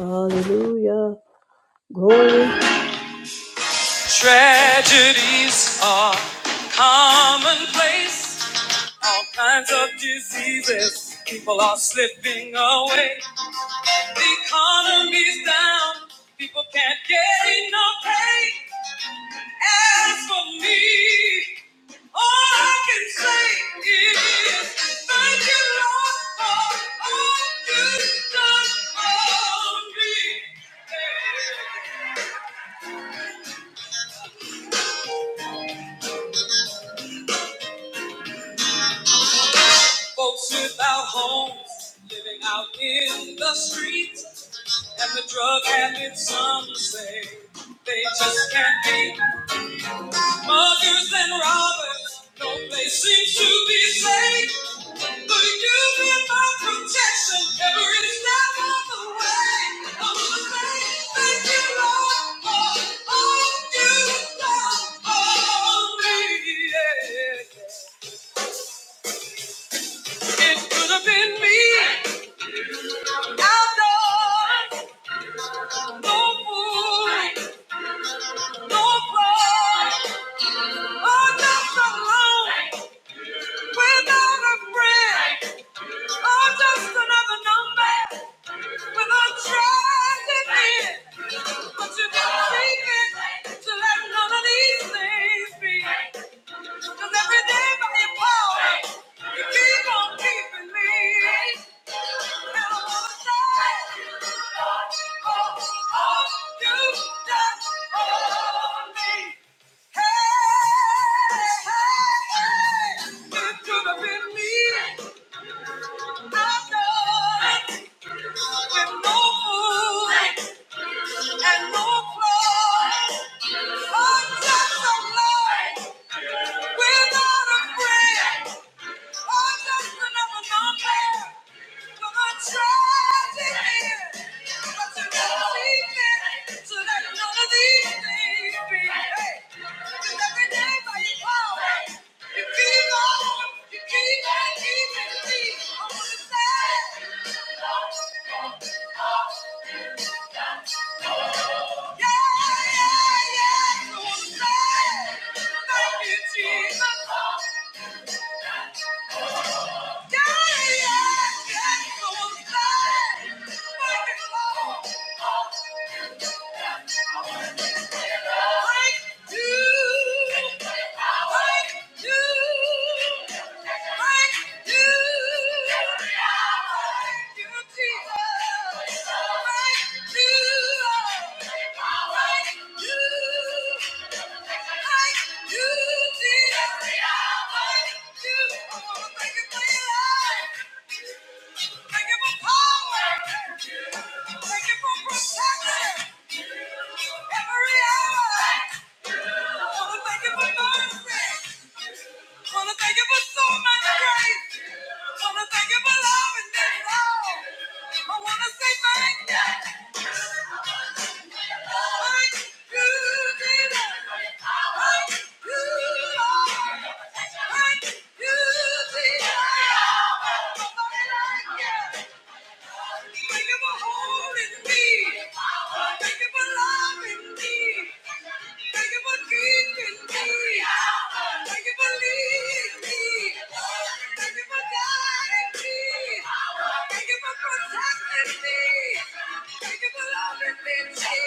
Hallelujah. Glory. Tragedies are commonplace. All kinds of diseases. People are slipping away. The economy's down. People can't get enough pay. As for me, all I can say is thank you, Lord, for all you've done for me. Folks without homes living out in the streets, and the drug habits, some say they just can't be. Muggers and robbers, no place seems to be safe. But you've been my protection every step of the way. I'm gonna say thank you, Lord, for all you've done for me. Yeah. It could have been me outdoors. But you gotta make it to let none of these things be. Cause every day by your power, you keep on keeping me. And I wanna thank all you've done for me. Hey, hey, hey, it could have been me. I know it. With no food and no flaws. Oh, yes, I'm loved without a friend. Oh, just another number. Yeah, yeah, yeah. So I'm saying, thank you, Jesus. Jesus. Thank you for protecting every hour. Wanna thank you for mercy. Wanna thank you for so much grace. Wanna thank you for loving me, Lord. I wanna say thank you. Thank you, Jesus. Thank you, Lord. Thank you, Jesus. Nobody like you. Thank you for holding me. Thank you for loving me. Thank you for keeping me. Thank you for leading me. Thank you for guiding me. Thank you for protecting me. I've never been dead.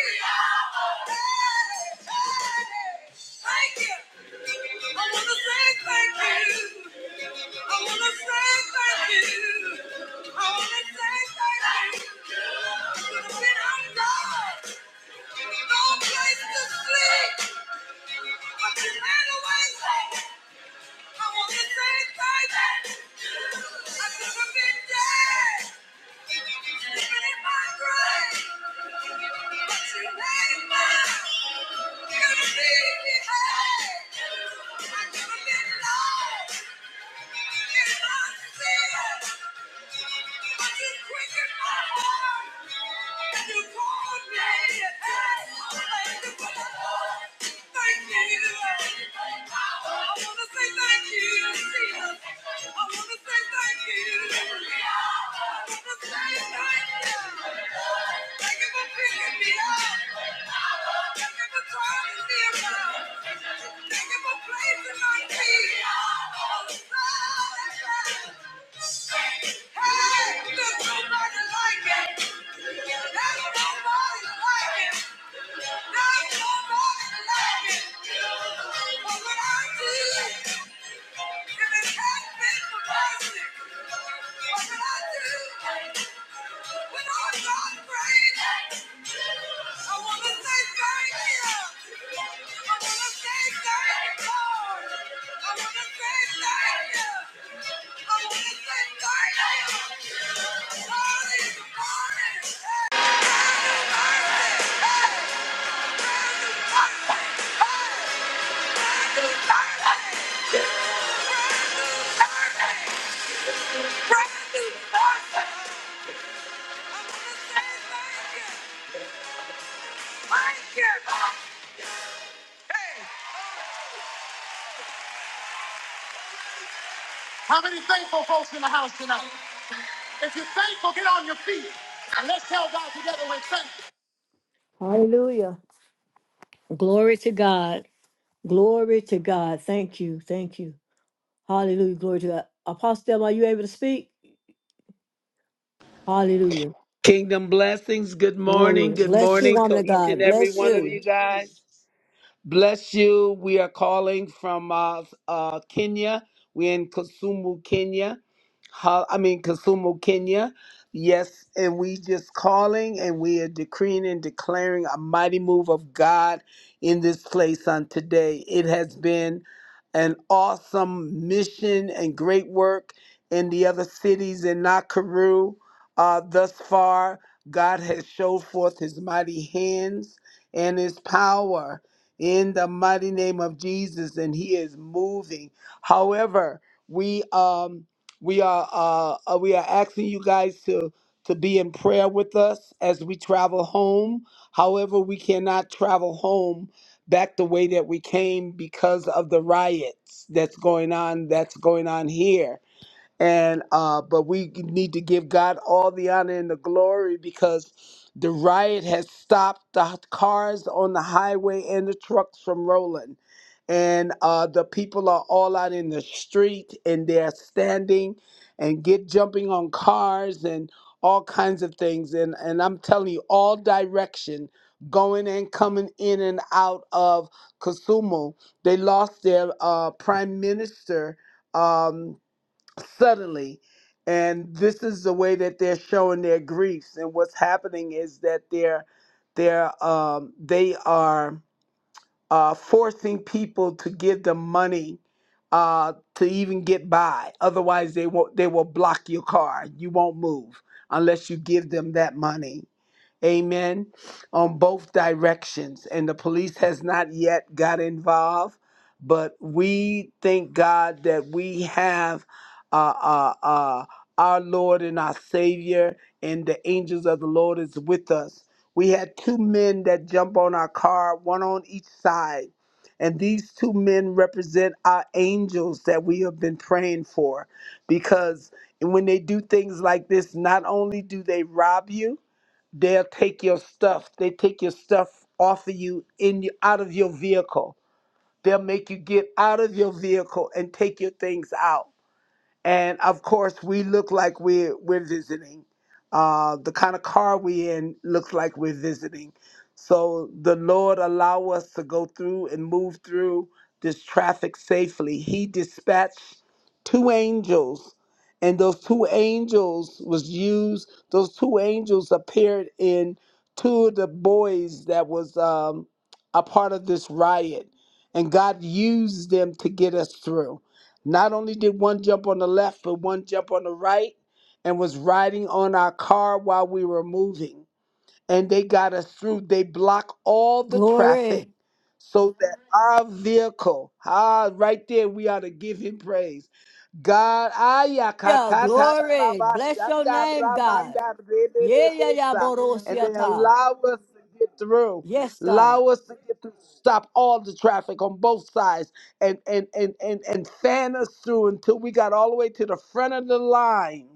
Thank you. Hey, look, nobody like it. Not Nobody like it. Thank you. How many thankful folks in the house tonight? If you're thankful, get on your feet and let's tell God together we're thankful. Hallelujah. Glory to God. Glory to God. Thank you. Thank you. Hallelujah. Glory to God. Apostle, Thelma, are you able to speak? Hallelujah. Kingdom blessings. Good morning. Glory. Good Bless you, morning woman to of each and God. every Bless one of you. you guys. Bless you. We are calling from uh, uh, Kenya. We're in Kisumu, Kenya. Ho- I mean, Kasumu, Kenya. Yes, and we just calling and we are decreeing and declaring a mighty move of God in this place on today. It has been an awesome mission and great work in the other cities in Nakuru uh, thus far. God has showed forth his mighty hands and his power in the mighty name of Jesus, and he is moving. However, we um we are uh, uh, we are asking you guys to to be in prayer with us as we travel home. However, we cannot travel home back the way that we came because of the riots that's going on that's going on here and uh but we need to give god all the honor and the glory because the riot has stopped the cars on the highway and the trucks from rolling and uh the people are all out in the street and they're standing and get jumping on cars and all kinds of things and and i'm telling you all direction going and coming in and out of kasumu they lost their uh prime minister um suddenly. And this is the way that they're showing their griefs. And what's happening is that they're they're um, they are uh, forcing people to give them money uh, to even get by. Otherwise, they won't. They will block your car. You won't move unless you give them that money amen, on both directions. And the police has not yet got involved, but we thank God that we have uh, uh, uh, our Lord and our Savior, and the angels of the Lord is with us. We had two men that jump on our car, one on each side. And these two men represent our angels that we have been praying for because when they do things like this, not only do they rob you, they'll take your stuff. They take your stuff off of you in your, out of your vehicle. They'll make you get out of your vehicle and take your things out and of course we look like we're we're visiting. Uh, the kind of car we in looks like we're visiting. So the Lord allow us to go through and move through this traffic safely. He dispatched two angels, and those two angels was used. Those two angels appeared in two of the boys that was um, a part of this riot, and God used them to get us through. Not only did one jump on the left, but one jump on the right and was riding on our car while we were moving and they got us through. They block all the traffic Glory. so that our vehicle, ah, right there, we ought to give him praise. God, aya Yeah, katata da glory. Bless your name, God. ramanda Yeah, yeah, yeah, rebebebesa. and they Borosiata. allow us to get through. Yes, God. Allow us to get through. Stop all the traffic on both sides and and and and and fan us through until we got all the way to the front of the line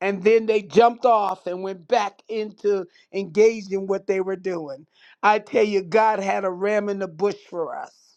and then they jumped off and went back into engaging what they were doing. I tell you, God had a ram in the bush for us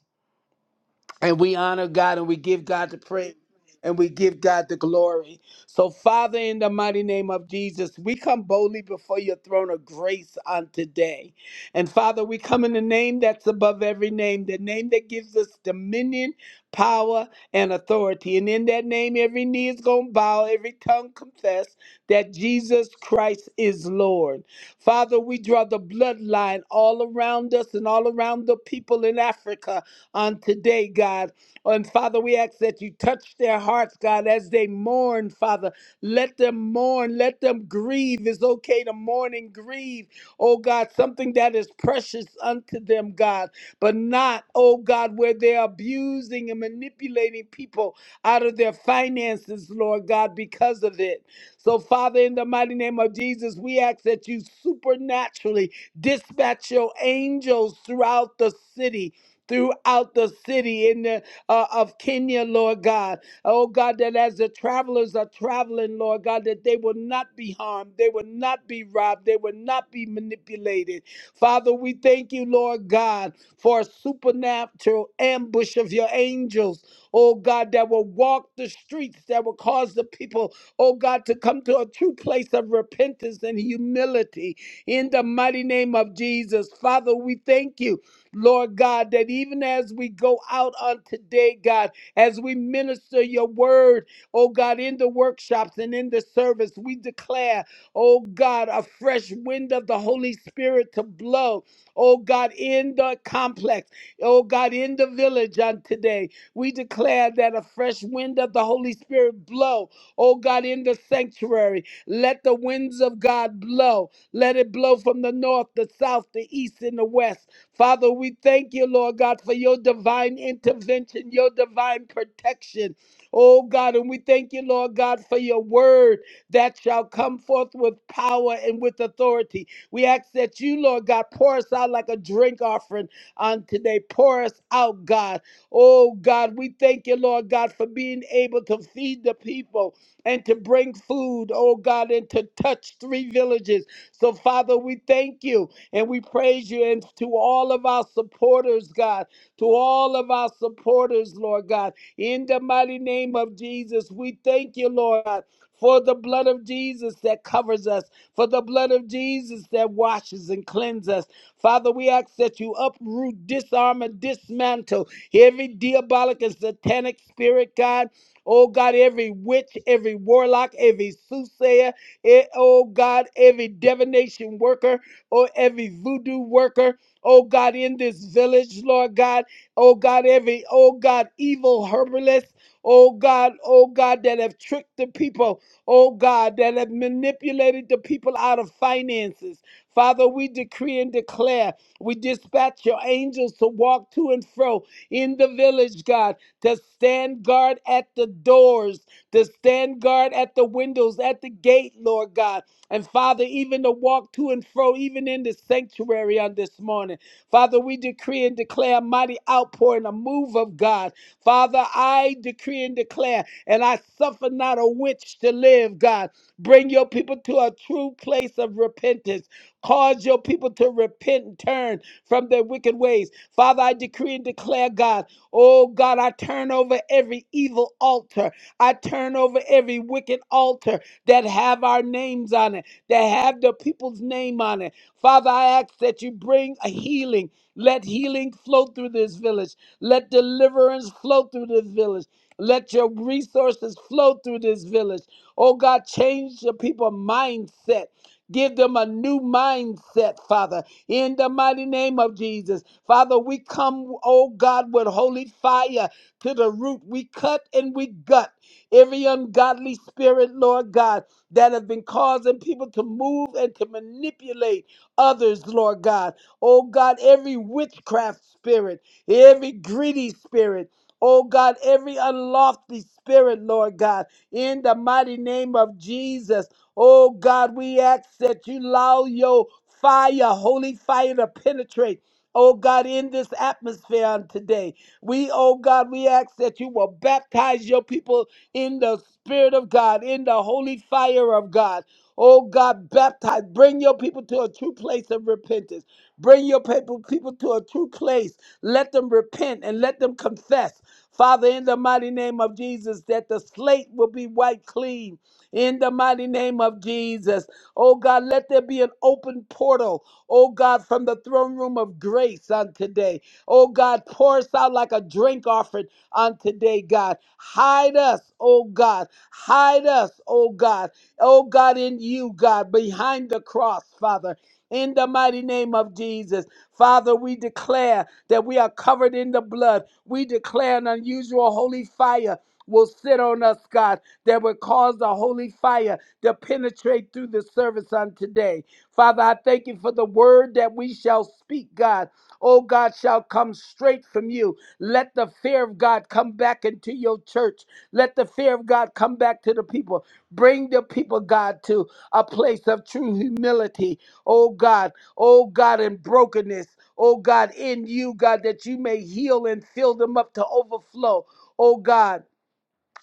and we honor God and we give God the praise and we give God the glory. So, Father, in the mighty name of Jesus, we come boldly before your throne of grace on today. And Father, we come in the name that's above every name, the name that gives us dominion, power, and authority. And in that name, every knee is going to bow, every tongue confess that Jesus Christ is Lord. Father, we draw the bloodline all around us and all around the people in Africa on today, God. And Father, we ask that you touch their hearts, God, as they mourn, Father. Let them mourn. Let them grieve. It's okay to mourn and grieve, oh God, something that is precious unto them, God, but not, oh God, where they're abusing and manipulating people out of their finances, Lord God, because of it. So, Father, in the mighty name of Jesus, we ask that you supernaturally dispatch your angels throughout the city throughout the city in the, uh, of Kenya, Lord God. Oh God, that as the travelers are traveling, Lord God, that they will not be harmed, they will not be robbed, they will not be manipulated. Father, we thank you, Lord God, for a supernatural ambush of your angels, oh God, that will walk the streets, that will cause the people, oh God, to come to a true place of repentance and humility in the mighty name of Jesus. Father, we thank you Lord God, that even as we go out on today, God, as we minister your word, oh God, in the workshops and in the service, we declare, oh God, a fresh wind of the Holy Spirit to blow, oh God, in the complex, oh God, in the village on today. We declare that a fresh wind of the Holy Spirit blow, oh God, in the sanctuary. Let the winds of God blow blow. Let it blow from the north, the south, the east, and the west. Father, we thank you, Lord God, for your divine intervention, your divine protection. Oh God, and we thank you, Lord God, for your word that shall come forth with power and with authority. We ask that you, Lord God, pour us out like a drink offering on today. Pour us out, God. Oh God, we thank you, Lord God, for being able to feed the people and to bring food, oh God, and to touch three villages. So, Father, we thank you and we praise you. And to all of our supporters, God, to all of our supporters, Lord God, in the mighty name of Jesus, we thank you, Lord God. For the blood of Jesus that covers us, for the blood of Jesus that washes and cleanses us. Father, we ask that you uproot, disarm, and dismantle every diabolic and satanic spirit, God Oh God, every witch, every warlock, every soothsayer, eh, oh God, every divination worker, oh every voodoo worker, oh God, in this village, Lord God, oh God, every, oh God, evil herbalist. Oh God, oh God, that have tricked the people. Oh God, that have manipulated the people out of finances. Father, we decree and declare, we dispatch your angels to walk to and fro in the village, God, to stand guard at the doors, to stand guard at the windows, at the gate, Lord God. And Father, even to walk to and fro, even in the sanctuary on this morning. Father, we decree and declare a mighty outpouring, a move of God. Father, I decree and declare, and I suffer not a witch to live, God. Bring your people to a true place of repentance Cause your people to repent and turn from their wicked ways. Father, I decree and declare, God, oh God, I turn over every evil altar. I turn over every wicked altar that have our names on it, that have the people's name on it. Father, I ask that you bring a healing. Let healing flow through this village. Let deliverance flow through this village. Let your resources flow through this village. Oh God, change the people's mindset. Give them a new mindset, Father, in the mighty name of Jesus. Father, we come, oh God, with holy fire to the root. We cut and we gut every ungodly spirit, Lord God, that have been causing people to move and to manipulate others, Lord God. Oh God, every witchcraft spirit, every greedy spirit. Oh God, every unlofty spirit, Lord God, in the mighty name of Jesus. Oh God, we ask that you allow your fire, holy fire, to penetrate. Oh God, in this atmosphere on today, we, oh God, we ask that you will baptize your people in the Spirit of God, in the holy fire of God. Oh God, baptize, bring your people to a true place of repentance. Bring your people, people to a true place. Let them repent and let them confess. Father, in the mighty name of Jesus, that the slate will be wiped clean in the mighty name of Jesus. Oh God, let there be an open portal, oh God, from the throne room of grace on today. Oh God, pour us out like a drink offering on today, God. Hide us, oh God. Hide us, oh God. Oh God, in you, God, behind the cross, Father. In the mighty name of Jesus. Father, we declare that we are covered in the blood. We declare an unusual holy fire will sit on us, God that would cause the holy fire to penetrate through the service on today. Father, I thank you for the word that we shall speak, God. Oh, God, shall come straight from you. Let the fear of God come back into your church. Let the fear of God come back to the people. Bring the people, God, to a place of true humility. Oh, God. Oh, God, in brokenness. Oh, God, in you, God, that you may heal and fill them up to overflow. Oh, God.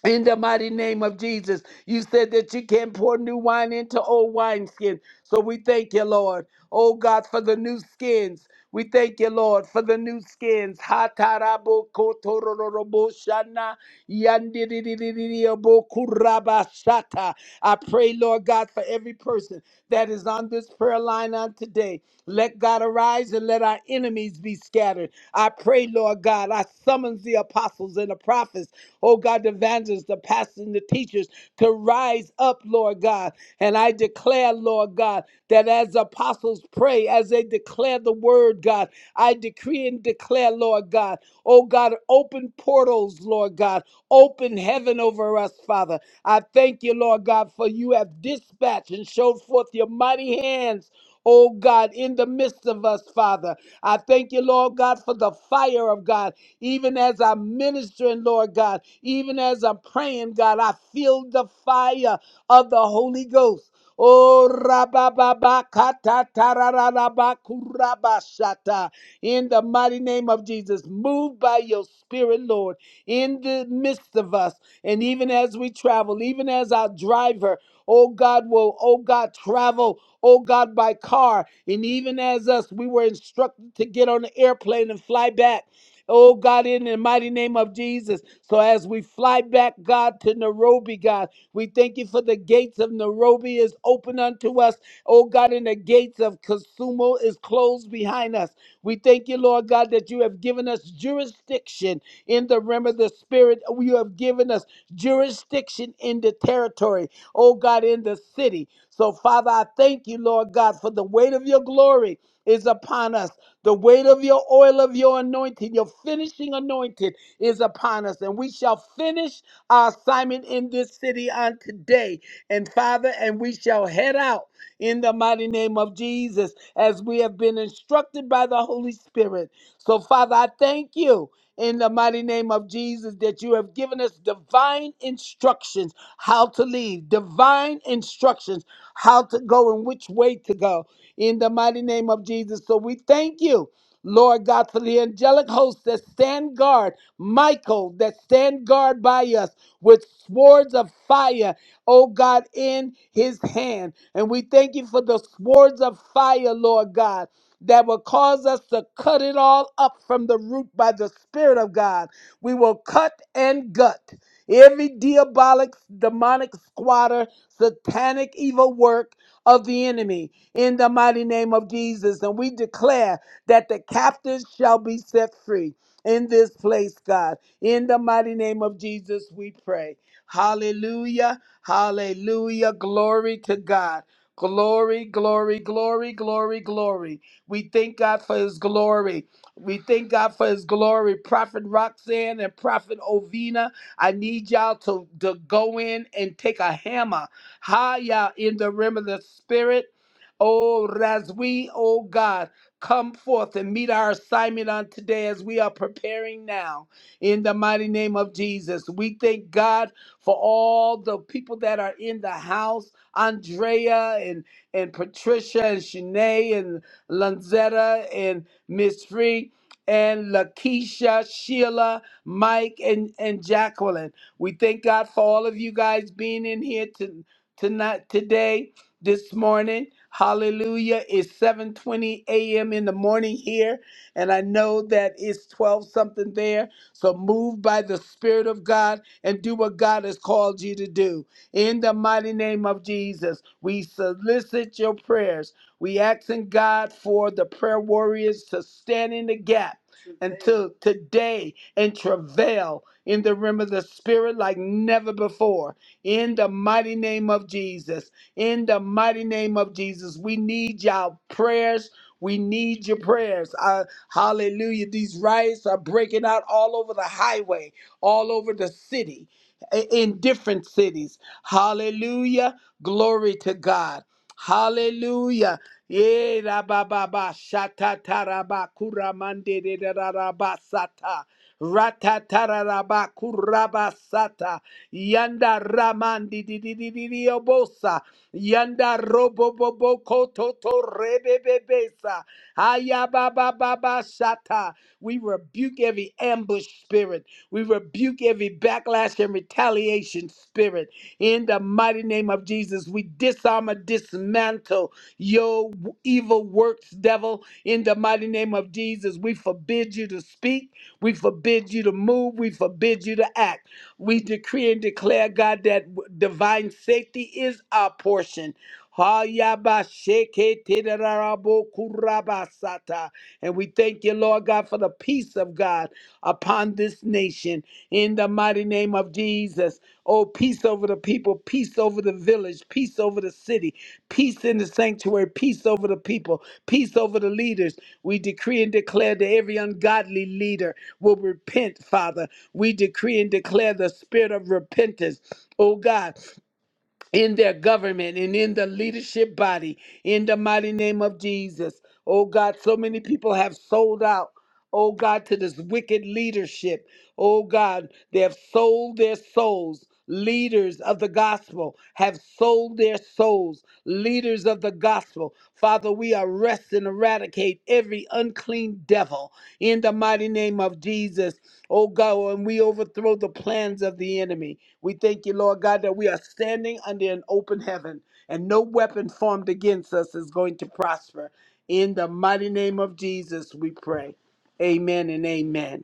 In the mighty name of Jesus, you said that you can pour new wine into old wineskin. So we thank you, Lord. Oh God, for the new skins. We thank you, Lord, for the new skins. Ha tarabo kotorororobo shana. Yandidididididiyabokurabasata. I pray, Lord God, for every person that is on this prayer line on today. Let God arise and let our enemies be scattered. I pray, Lord God, I summons the apostles and the prophets, oh God, the evangelists, the pastors, and the teachers to rise up, Lord God. And I declare, Lord God, that as apostles pray, as they declare the word, God, I decree and declare, Lord God. Oh God, open portals, Lord God. Open heaven over us, Father. I thank you, Lord God, for you have dispatched and showed forth your mighty hands. Oh God, in the midst of us, Father. I thank you, Lord God, for the fire of God. Even as I'm ministering, Lord God, even as I'm praying, God, I feel the fire of the Holy Ghost. Oh, rabababa, kata, tarararaba, kurabashata in the mighty name of Jesus. Move by your spirit, Lord, in the midst of us. And even as we travel, even as our driver, oh God, will, oh God, travel, oh God, by car. And even as us, we were instructed to get on the airplane and fly back. Oh God, in the mighty name of Jesus. So as we fly back, God, to Nairobi, God, we thank you for the gates of Nairobi is open unto us. Oh God, and the gates of Kisumu is closed behind us. We thank you, Lord God, that you have given us jurisdiction in the realm of the spirit. You have given us jurisdiction in the territory, oh God, in the city. So, Father, I thank you, Lord God, for the weight of your glory is upon us. The weight of your oil of your anointing, your finishing anointing is upon us. And we shall finish our assignment in this city on today. And Father, and we shall head out in the mighty name of Jesus as we have been instructed by the Holy Spirit. So, Father, I thank you in the mighty name of Jesus that you have given us divine instructions how to lead, divine instructions how to go and which way to go in the mighty name of Jesus. So, we thank you. Lord God, for the angelic hosts that stand guard, Michael, that stand guard by us with swords of fire oh God, in his hand. And we thank you for the swords of fire, Lord God, that will cause us to cut it all up from the root by the Spirit of God. We will cut and gut every diabolic, demonic squatter, satanic evil work of the enemy in the mighty name of Jesus. And we declare that the captives shall be set free in this place, God. In the mighty name of Jesus, we pray. Hallelujah. Hallelujah. Glory to God. Glory, glory, glory, glory, glory. We thank God for his glory. We thank God for his glory. Prophet Roxanne and Prophet Ovina, I need y'all to, to go in and take a hammer. Higher in the realm of the spirit. Oh, as we, oh God, come forth and meet our assignment on today as we are preparing now in the mighty name of Jesus. We thank God for all the people that are in the house, Andrea and, and Patricia and Shanae and Lanzetta and Miss Free and Lakeisha, Sheila, Mike, and, and Jacqueline. We thank God for all of you guys being in here to, tonight, today, this morning. Hallelujah. It's 7:20 a.m. in the morning here, and I know that it's 12 something there. So move by the Spirit of God and do what God has called you to do. In the mighty name of Jesus, we solicit your prayers. We asking God for the prayer warriors to stand in the gap until today and travail in the realm of the spirit like never before. In the mighty name of Jesus. In the mighty name of Jesus, we need y'all prayers. We need your prayers. Uh, hallelujah. These riots are breaking out all over the highway all over the city, in different cities. Hallelujah. Glory to God. Hallelujah. Yeah, ra ba ba ba shata ta ta ra ba kura mande de de da ra ra ba sata. Rata ta ta ra ra ba kura ba sata. Yanda ramandi di di di di di obosa. Yanda robo bo bo bo ko to to re be be be sa. Aya ba ba ba ba shata. We rebuke every ambush spirit we rebuke every backlash and retaliation spirit. In the mighty name of Jesus, we disarm and dismantle your evil works, devil. In the mighty name of Jesus, we forbid you to speak. We forbid you to move. We forbid you to act. We decree and declare, God, that divine safety is our portion. Hayabasheketedarabokurabasata. And we thank you, Lord God, for the peace of God upon this nation in the mighty name of Jesus. Oh, peace over the people, peace over the village, peace over the city, peace in the sanctuary, peace over the people, peace over the leaders. We decree and declare that every ungodly leader will repent, Father. We decree and declare the spirit of repentance, oh God in their government and in the leadership body in the mighty name of Jesus. Oh God, so many people have sold out. Oh God, to this wicked leadership. Oh God, they have sold their souls. Leaders of the gospel have sold their souls. Leaders of the gospel. Father, we arrest and eradicate every unclean devil in the mighty name of Jesus. Oh God, and we overthrow the plans of the enemy. We thank you, Lord God, that we are standing under an open heaven and no weapon formed against us is going to prosper. In the mighty name of Jesus, we pray. Amen and amen.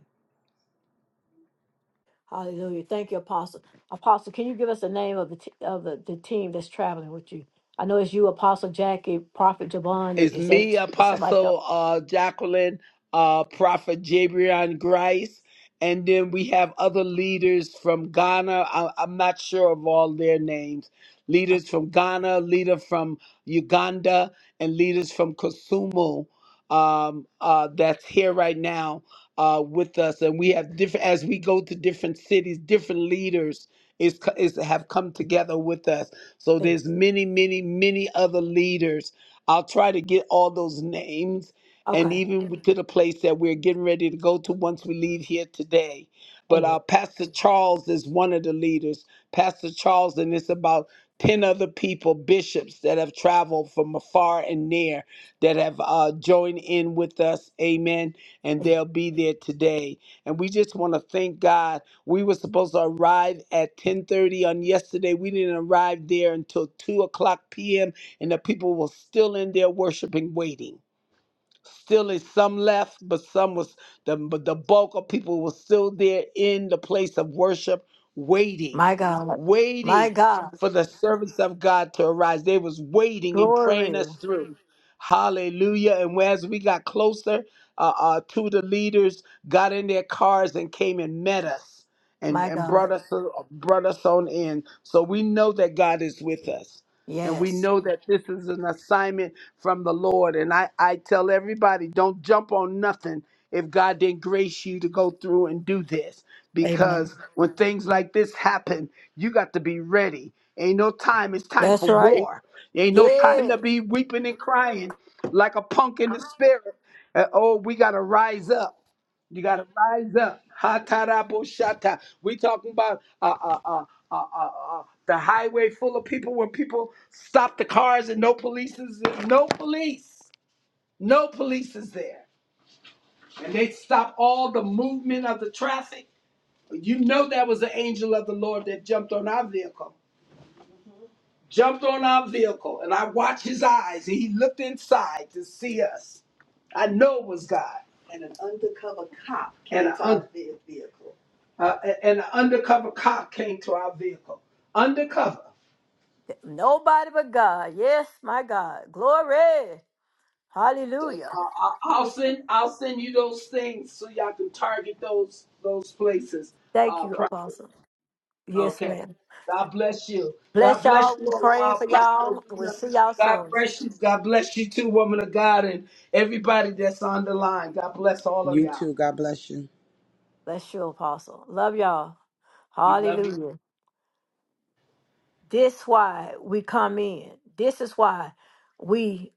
Hallelujah. Thank you, Apostle. Apostle, can you give us the name of the t- of the, the team that's traveling with you? I know it's you, Apostle Jackie, Prophet Javon. and It's Is me, that is somebody else? Apostle uh, Jacqueline, uh, Prophet Jabrion Grice, and then we have other leaders from Ghana. I- I'm not sure of all their names. Leaders from Ghana, leader from Uganda, and leaders from Kosumo um, uh, that's here right now uh, with us. And we have different as we go to different cities, different leaders is, co- is have come together with us. So Amen. there's many, many, many other leaders I'll try to get all those names and Okay. even to the place that we're getting ready to go to once we leave here today. But Amen. uh, Pastor Charles is one of the leaders. Pastor Charles, and it's about 10 other people, bishops that have traveled from afar and near that have uh, joined in with us. Amen. And Amen. they'll be there today. And we just want to thank God. We were supposed to arrive at 1030 on yesterday. We didn't arrive there until 2 o'clock p.m and the people were still in there worshiping, waiting. Still is some left, but some was the but the bulk of people was still there in the place of worship, waiting, My God. My waiting God. for the servants of God to arise. They was waiting and Glory. praying us through. Hallelujah. And as we got closer, uh, uh, two of the leaders got in their cars and came and met us and, My and God. brought us uh, brought us on in. So we know that God is with us. And we Yes. know that this is an assignment from the Lord. And I, I tell everybody, don't jump on nothing if God didn't grace you to go through and do this. Amen. Because when things like this happen, you got to be ready. Ain't no time. It's time That's for right. war. Ain't no time Yes. to be weeping and crying like a punk in the spirit. Uh, oh, we got to rise up. You got to rise up. Ha ta ra bo sha ta. We talking about a, a, uh, uh, uh, the highway full of people when people stop the cars and no police is no police no police is there and they stop all the movement of the traffic you know that was the angel of the lord that jumped on our vehicle jumped on our vehicle and i watched his eyes and he looked inside to see us i know it was god And an undercover cop came an to un- our ve- vehicle. uh, and an undercover cop came to our vehicle undercover Nobody but God. Yes, my God. Glory. So uh, Hallelujah. I- I'll send I'll send you those things so y'all can target those those places. Thank Uh, you, Prophet. Apostle. Yes, Okay. ma'am. God bless you. God Bless y'all. bless We you, praying uh, for Prophet y'all. We'll Ovina. see y'all God soon. bless you. God bless you too, woman of God, and everybody that's on the line. God bless all of You y'all. too. God bless you. Bless you, Apostle. Love y'all. We love you. Hallelujah. This why we come in. This is why we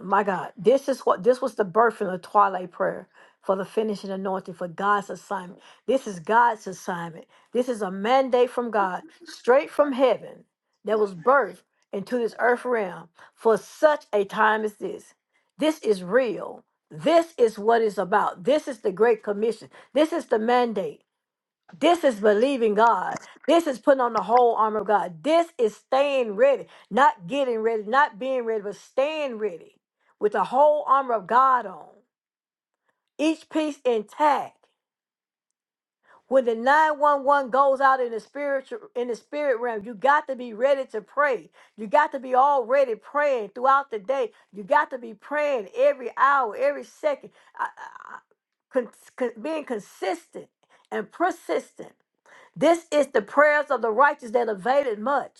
My God, this is what this was the birth and the twilight prayer for the finishing anointing for God's assignment. This is God's assignment. This is a mandate from God, straight from heaven, that was birthed into this earth realm for such a time as this. This is real. This is what it's about. This is the Great Commission. This is the mandate. This is believing God. This is putting on the whole armor of God. This is staying ready, not getting ready, not being ready, but staying ready with the whole armor of God on, each piece intact. When the 911 goes out in the spiritual in the spirit realm, you got to be ready to pray. You got to be already praying throughout the day. You got to be praying every hour, every second, I- I- I- con- con- being consistent and persistent this is the prayers of the righteous that availed much,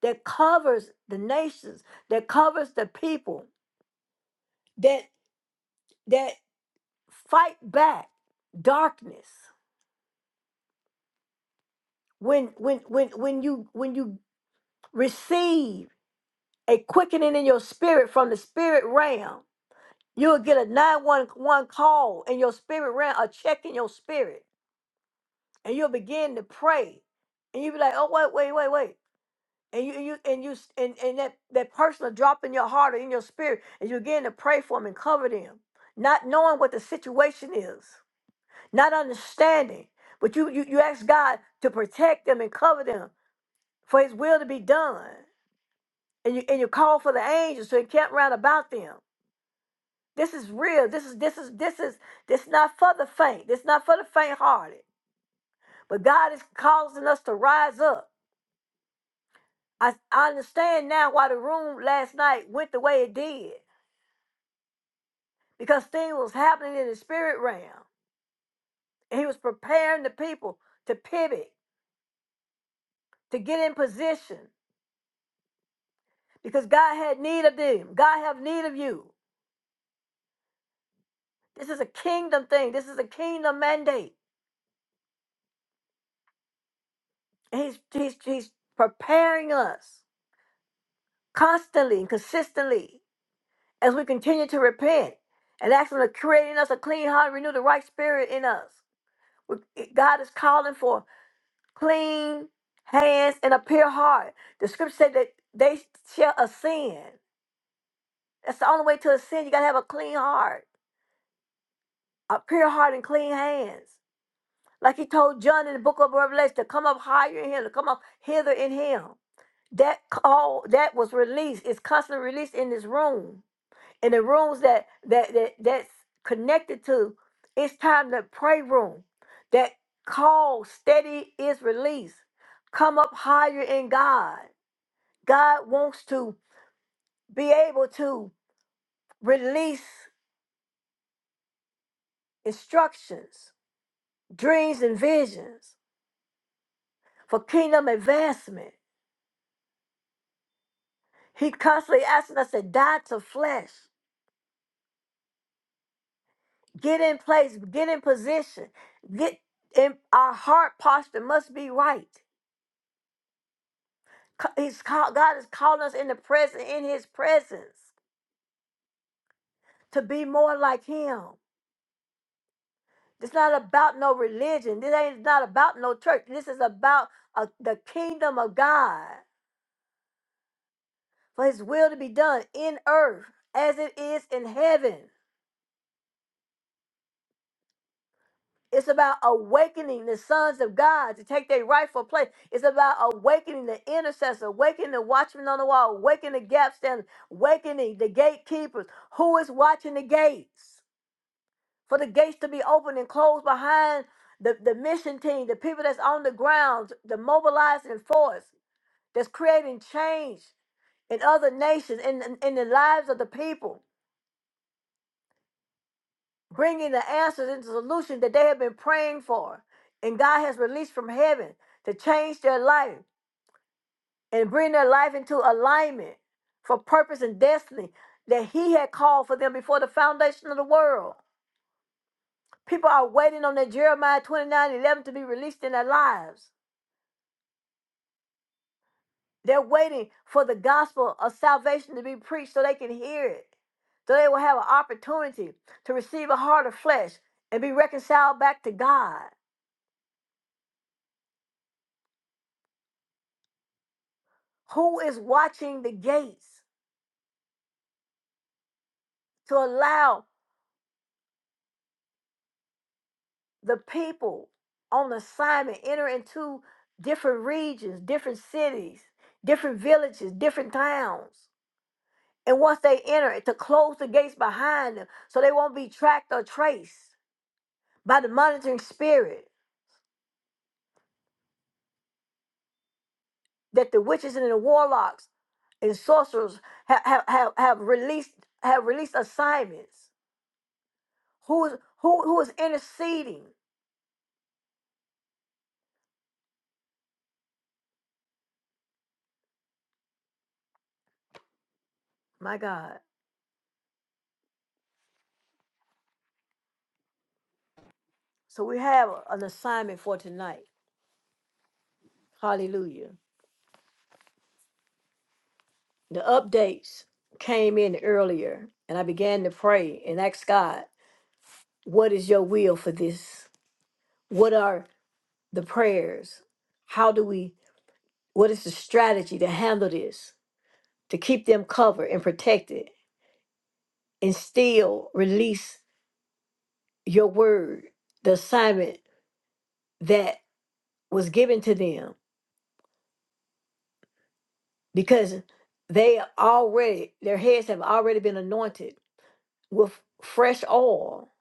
that covers the nations, that covers the people, that that fight back darkness. When when when when you when you receive a quickening in your spirit from the spirit realm, you'll get a 911 call in your spirit realm, a check in your spirit, and you'll begin to pray. And you'll be like, oh wait, wait, wait, wait. and you and you and you and, and that that person will drop in your heart or in your spirit and you begin to pray for them and cover them not knowing what the situation is not understanding but you you, you ask god to protect them and cover them for his will to be done and you and you call for the angels to encamp round about them this is real this is this is this is this not for the faint this not for the faint hearted but god is causing us to rise up I, I understand now why the room last night went the way it did because things was happening in the spirit realm. And he was preparing the people to pivot, to get in position, because God had need of them. God have need of you. This is a kingdom thing. This is a kingdom mandate. And he's he's he's preparing us constantly and consistently as we continue to repent and ask him to create in us a clean heart, renew the right spirit in us. We- God is calling for clean hands and a pure heart. The scripture said that they shall ascend. That's the only way to ascend. You gotta have a clean heart, a pure heart, and clean hands. Like he told John in the book of Revelation to come up higher in him, to come up hither in him. That call that was released is constantly released in this room. In the rooms that that, that that's connected to, it's time to pray room. That call steady is released. Come up higher in God God wants to be able to release instructions, dreams, and visions for kingdom advancement. He constantly asking us to die to flesh, get in place, get in position, get in our heart posture must be right. Co- He's called, God is calling us in the present, in His presence, to be more like Him. It's not about no religion. This ain't not about no church. This is about uh, the kingdom of God. for his will to be done in earth as it is in heaven. It's about awakening the sons of God to take their rightful place. It's about awakening the intercessor, awakening the watchman on the wall, awakening the gap standers, awakening the gatekeepers. Who is watching the gates? For the gates to be opened and closed behind the, the mission team, the people that's on the ground, the mobilizing force that's creating change in other nations, in, in in the lives of the people. bringing the answers into solution that they have been praying for and God has released from heaven to change their life and bring their life into alignment for purpose and destiny that he had called for them before the foundation of the world. People are waiting on that Jeremiah 29:11 to be released in their lives. They're waiting for the gospel of salvation to be preached so they can hear it, so they will have an opportunity to receive a heart of flesh and be reconciled back to God. Who is watching the gates to allow the people on assignment enter into different regions, different cities, different villages, different towns? And once they enter, to close the gates behind them so they won't be tracked or traced by the monitoring spirit that the witches and the warlocks and sorcerers have, have, have, have released have released assignments. Who is who who is interceding? My God So we have an assignment for tonight. Hallelujah. The updates came in earlier, and I began to pray and ask God, what is your will for this? What are the prayers? How do we, what is the strategy to handle this, to keep them covered and protected, and still release your word, the assignment that was given to them? Because they already, their heads have already been anointed with fresh oil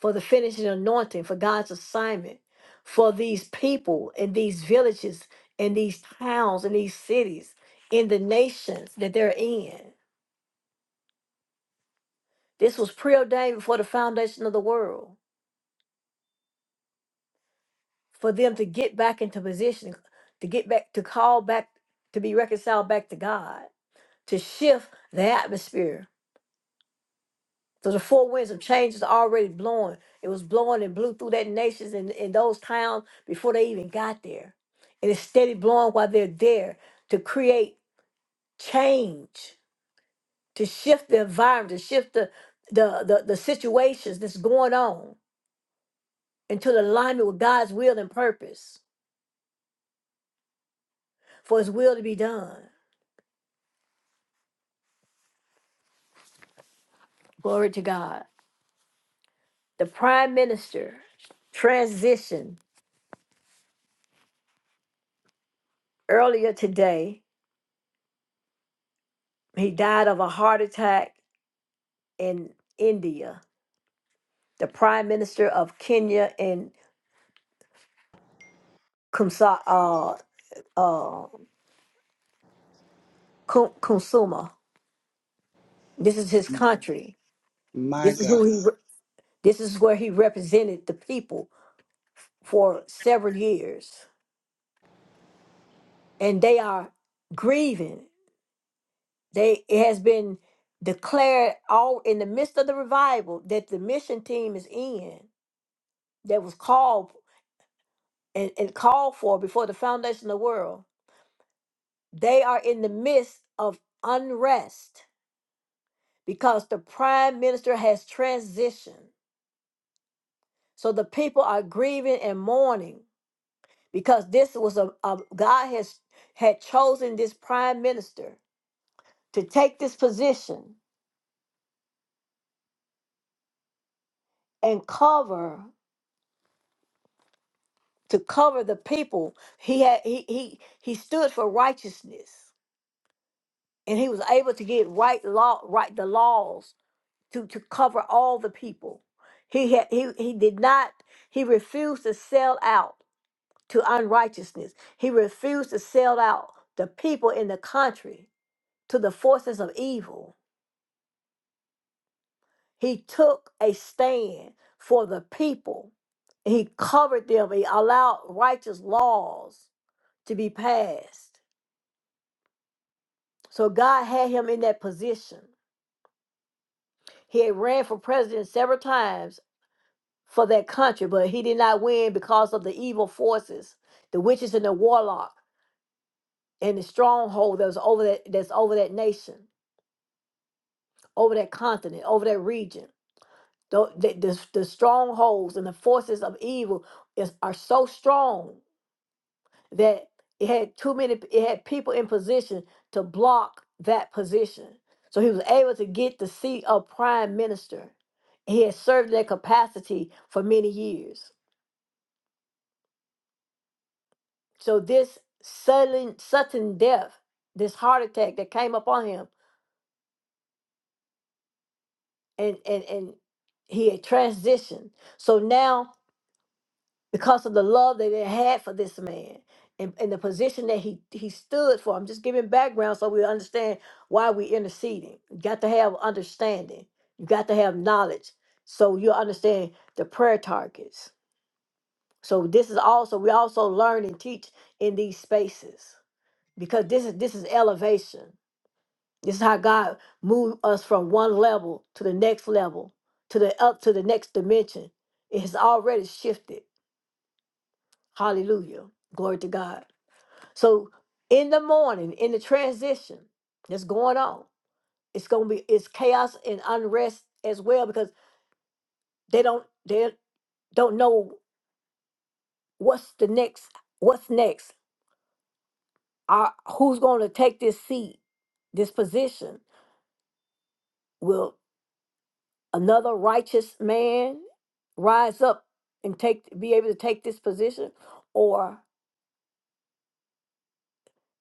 for the finishing anointing for God's assignment for these people and these villages and these towns and these cities in the nations that they're in. This was preordained before the foundation of the world for them to get back into position, to get back to call back to be reconciled back to God, to shift the atmosphere So the four winds of change is already blowing. It was blowing and blew through that nations and, and those towns before they even got there. And it's steady blowing while they're there to create change, to shift the environment, to shift the the the, the situations that's going on into the alignment with God's will and purpose for his will to be done. Glory to God. The prime minister transitioned earlier today. He died of a heart attack in India the prime minister of Kenya and Kumsa, uh, uh, Ku- Kunsuma. This is his country. My This is God. who he. re- This is where he represented the people for several years, and they are grieving. They it has been declared all in the midst of the revival that the mission team is in that was called and, and called for before the foundation of the world. They are in the midst of unrest because the prime minister has transitioned. So the people are grieving and mourning because this was a, a- God has had chosen this prime minister to take this position and cover to cover the people. He had he he he stood for righteousness and he was able to get right law right the laws to to cover all the people. He had he he did not he refused to sell out to unrighteousness. He refused to sell out the people in the country to the forces of evil. He took a stand for the people. He covered them. He allowed righteous laws to be passed. So God had him in that position. He had ran for president several times for that country, but he did not win because of the evil forces, the witches and the warlock, and the stronghold that was over that that's over that nation. over that continent, over that region. Tho- The, the, the strongholds and the forces of evil is, are so strong that it had too many, it had people in position to block that position. So he was able to get the seat of prime minister. He had served in that capacity for many years. So this sudden, sudden death, this heart attack that came upon him, and and and he had transitioned. So now because of the love that they had for this man and, and the position that he he stood for. I'm just giving background so we understand why we're interceding. You got to have understanding. You got to have knowledge so you understand the prayer targets. So this is also we also learn and teach in these spaces because this is this is elevation. This is how God moved us from one level to the next level to the up to the next dimension. It has already shifted. Hallelujah. Glory to God. So in the morning, in the transition that's going on, it's gonna be it's chaos and unrest as well because they don't they don't know what's the next what's next. Are who's gonna take this seat, this position? Will another righteous man rise up and take be able to take this position? Or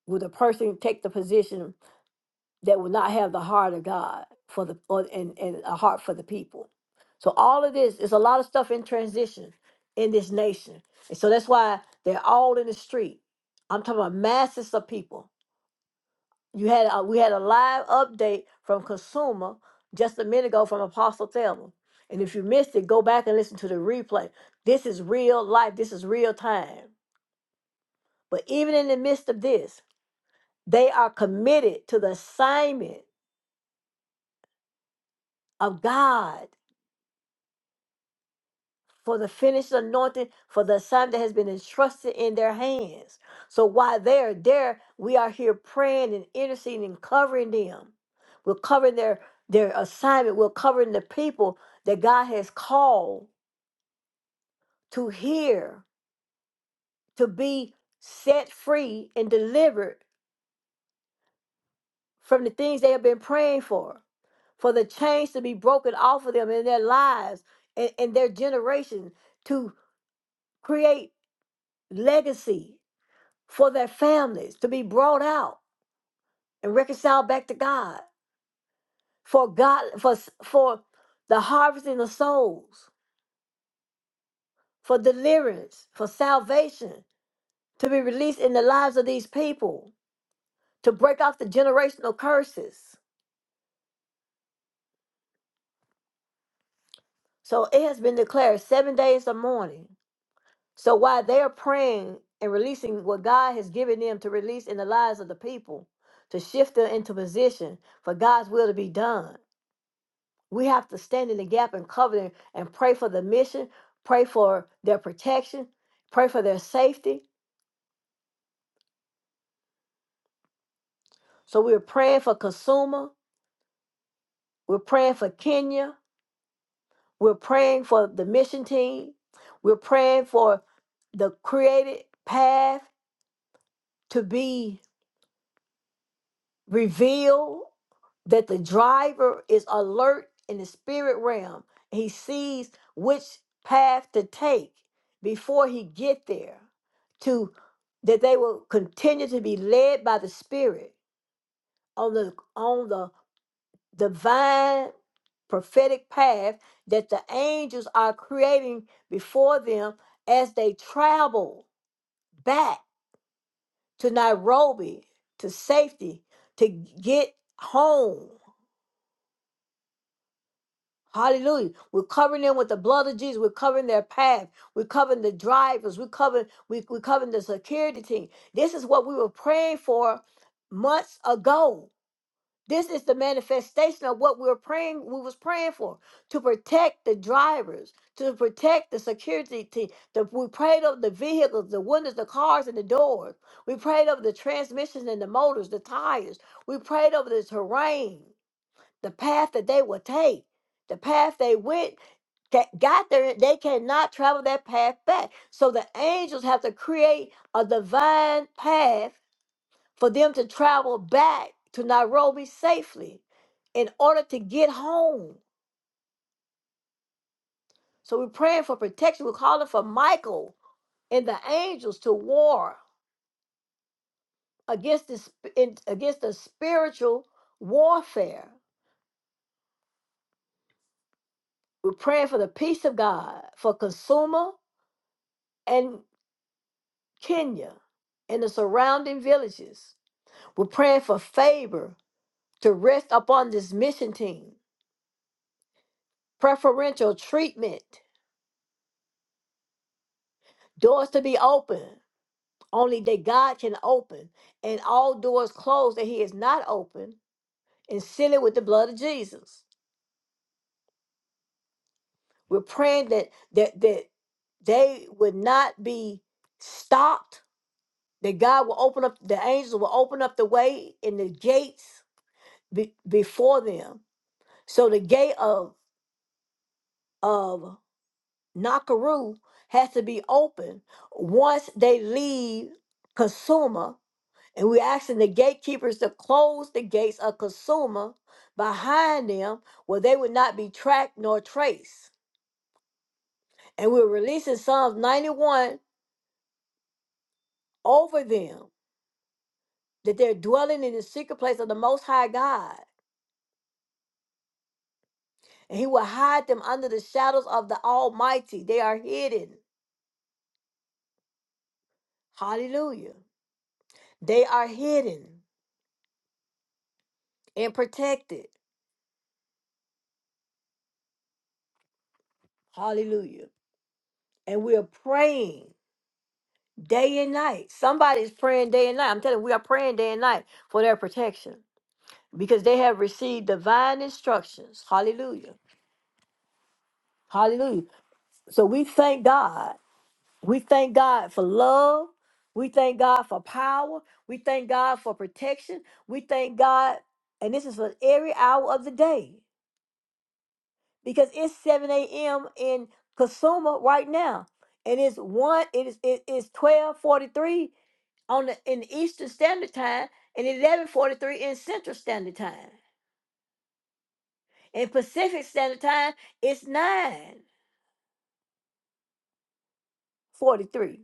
will the person take the position that will not have the heart of God for the or, and and a heart for the people. So all of this is a lot of stuff in transition in this nation, and so that's why they're all in the street. I'm talking about masses of people. You had a, we had a live update from Consumer just a minute ago from Apostle Thelma, and if you missed it, go back and listen to the replay. This is real life. This is real time. But even in the midst of this, they are committed to the assignment of God for the finished anointing, for the assignment that has been entrusted in their hands. So while they're there, we are here praying and interceding and covering them. We're covering their their assignment. We're covering the people that God has called to hear, to be set free and delivered from the things they have been praying for, for the chains to be broken off of them in their lives and, and their generation to create legacy for their families to be brought out and reconciled back to God, for God, for for the harvesting of souls, for deliverance, for salvation to be released in the lives of these people, to break off the generational curses. So it has been declared seven days of mourning. So while they are praying and releasing what God has given them to release in the lives of the people, to shift them into position for God's will to be done We have to stand in the gap and cover them and pray for the mission, pray for their protection, pray for their safety. So we're praying for Kasuma, we're praying for Kenya, we're praying for the mission team, we're praying for the created path to be reveal that the driver is alert in the spirit realm. He sees which path to take before he get there to that they will continue to be led by the spirit on the on the divine prophetic path that the angels are creating before them as they travel back to Nairobi to safety to get home Hallelujah. We're covering them with the blood of Jesus. We're covering their path. We're covering the drivers. We're covering, we, we're covering the security team. This is what we were praying for months ago. This is the manifestation of what we were praying, we was praying for, to protect the drivers, to protect the security team. The, we prayed over the vehicles, the windows, the cars, and the doors. We prayed over the transmissions and the motors, the tires. We prayed over the terrain the path that they will take, the path they went, that got there, they cannot travel that path back. So the angels have to create a divine path for them to travel back to Nairobi safely in order to get home. So we're praying for protection. We're calling for Michael and the angels to war against this in, against the spiritual warfare. We're praying for the peace of God for consumer and. Kenya, and the surrounding villages. We're praying for favor to rest upon this mission team, preferential treatment, doors to be open, only that God can open, and all doors closed that He has not opened, and seal it with the blood of Jesus. We're praying that that that they would not be stopped, that God will open up, the angels will open up the way and the gates be, before them. So the gate of of Nakaroo has to be open once they leave Kasuma. And we're asking the gatekeepers to close the gates of Kasuma behind them where they would not be tracked nor traced. And we're releasing Psalms 91 over them that they're dwelling in the secret place of the Most High God. And He will hide them under the shadows of the Almighty. They are hidden. Hallelujah. They are hidden and protected. Hallelujah. and we are praying day and night. Somebody's praying day and night. I'm telling you, we are praying day and night for their protection because they have received divine instructions. Hallelujah. Hallelujah. So we thank God. We thank God for love. We thank God for power. We thank God for protection. We thank God, and this is for every hour of the day because it's 7 a.m. in Kasuma right now. And it's one, it is it is 1243 on the, in Eastern Standard Time and eleven forty three in Central Standard Time. In Pacific Standard Time, it's nine forty three.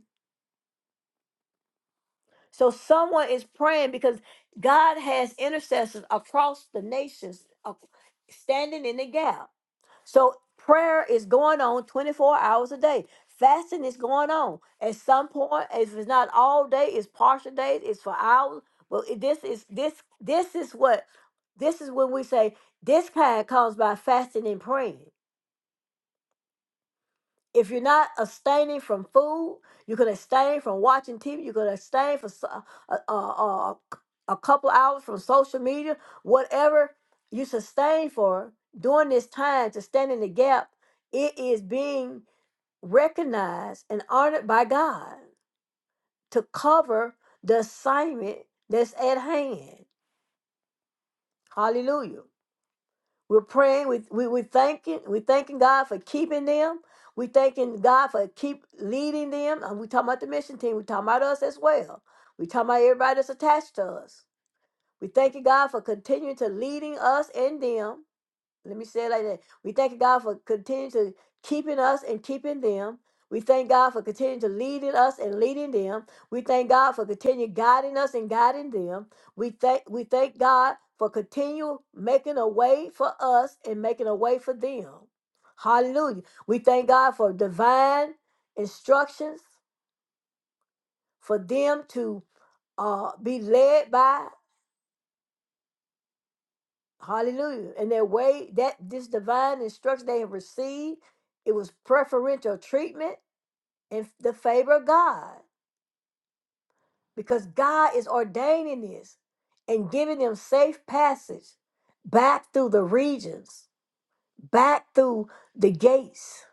So someone is praying because God has intercessors across the nations ac- standing in the gap. So prayer is going on 24 hours a day. Fasting is going on. At some point, if it's not all day, it's partial days, it's for hours. Well, it- this is this this is what this is when we say this kind comes by fasting and praying if you're not abstaining from food, you could abstain from watching TV. You could abstain for so- a, a, a, a couple hours from social media. Whatever you sustain for during this time to stand in the gap, it is being recognized and honored by God to cover the assignment that's at hand. Hallelujah. We're praying. We we we thanking. We thanking God for keeping them. We thanking God for keep leading them. And we talking about the mission team. We talking about us as well. We talking about everybody that's attached to us. We thanking God for continuing to leading us and them. Let me say it like that. We thank God for continuing to keeping us and keeping them. We thank God for continuing to leading us and leading them. We thank God for continuing guiding us and guiding them. We thank we thank God for continual making a way for us and making a way for them. Hallelujah. We thank God for divine instructions for them to uh, be led by Hallelujah. And their way that this divine instruction they have received, it was preferential treatment and the favor of God. Because God is ordaining this and giving them safe passage back through the regions, back through the gates,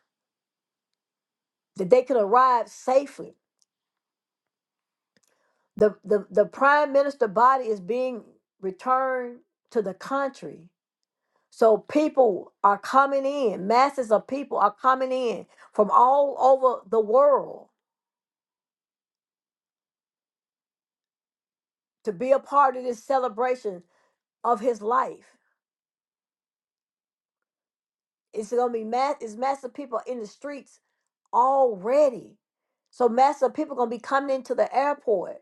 that they could arrive safely. The the, the prime minister body is being returned to the country So people are coming in, masses of people are coming in from all over the world to be a part of this celebration of his life. It's gonna be mass it's massive people in the streets already. So massive people gonna be coming into the airport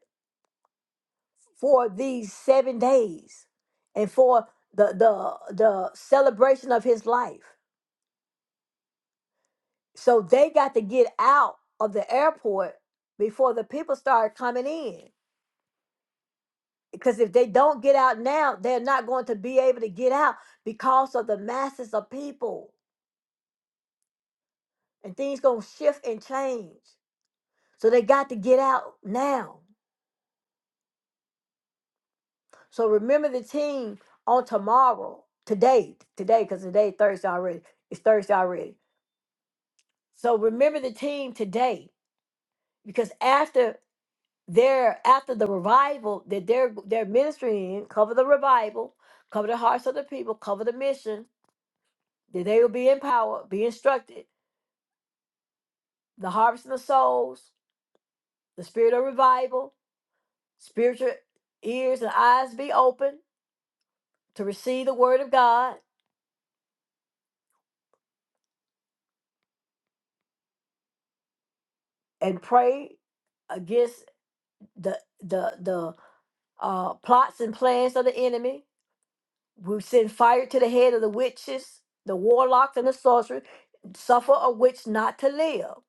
for these seven days and for the the the celebration of his life. So they got to get out of the airport before the people start coming in. because if they don't get out now, they're not going to be able to get out because of the masses of people and things going to shift and change. So they got to get out now. So remember the team on tomorrow, today, today, because today is Thursday already. It's Thursday already. So remember the team today because after their after the revival that they're they're ministering in, cover the revival, cover the hearts of the people, cover the mission, that they will be empowered, be instructed the harvesting of souls, the spirit of revival, spiritual ears and eyes be open to receive the word of God and pray against the the the uh, plots and plans of the enemy. We send fire to the head of the witches, the warlocks, and the sorcerers. Suffer a witch not to live.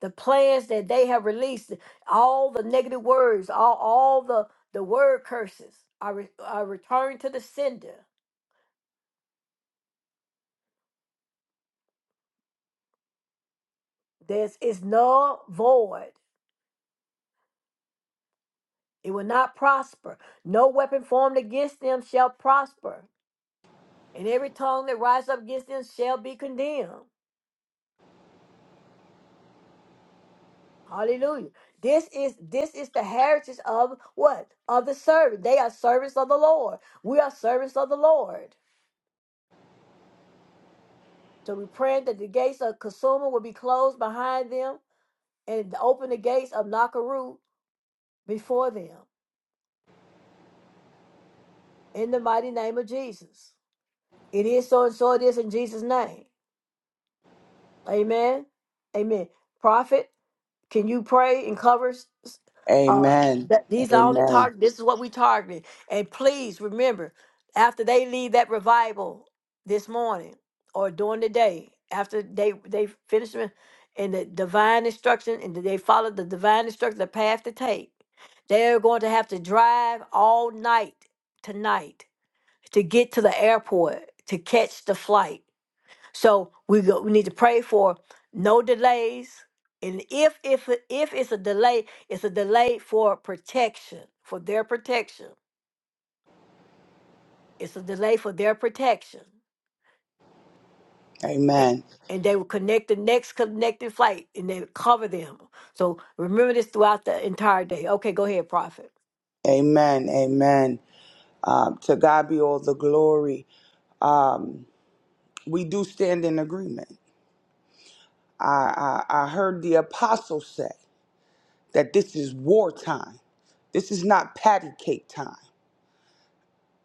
The plans that they have released, all the negative words, all all the the word curses are re- are returned to the sender There is no void. It will not prosper. No weapon formed against them shall prosper, and every tongue that rises up against them shall be condemned. Hallelujah. This is this is the heritage of what? Of the servant. They are servants of the Lord. We are servants of the Lord. So we pray that the gates of Kasuma will be closed behind them and open the gates of Nakaru before them. In the mighty name of Jesus. It is so and so it is in Jesus' name. Amen. Amen. Prophet, can you pray and cover s- s- uh, Amen. that these are only Amen. target? This is what we targeted. And please remember, after they leave that revival this morning or during the day, after they they finish in in the divine instruction and they follow the divine instruction, the path to take, they are going to have to drive all night tonight to get to the airport to catch the flight so we go, we need to pray for no delays, and if if it- if it's a delay, it's a delay for protection, for their protection. It's a delay for their protection, and, Amen. and they will connect the next connected flight, and they will cover them. So remember this throughout the entire day. Okay, go ahead, prophet. Amen. Amen. Uh, to God be all the glory. Um, we do stand in agreement. I, I, I heard the apostle say that this is wartime. This is not patty cake time.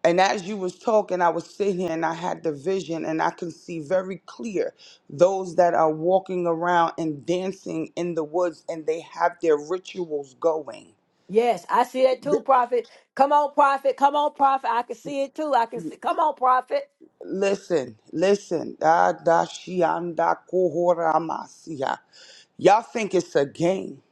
And as you was talking, I was sitting here and I had the vision and I can see very clear those that are walking around and dancing in the woods and they have their rituals going Yes, I see that too, prophet. Come on, prophet. Come on, prophet. I can see it too. I can see. Come on, prophet. Listen, listen. Da da shianda kohora masia. Y'all think it's a game.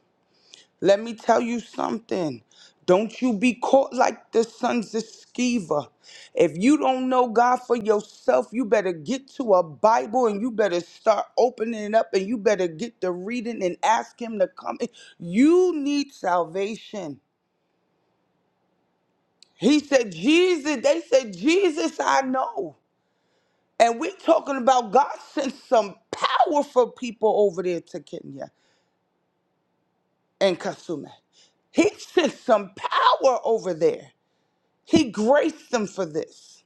Let me tell you something. Don't you be caught like the sons of Sceva. If you don't know God for yourself, you better get to a Bible and you better start opening it up and you better get to reading and ask Him to come. in. You need salvation. He said, Jesus, they said, Jesus, I know. And we're talking about God sent some powerful people over there to Kenya and Kasume. He sent some power over there. He graced them for this.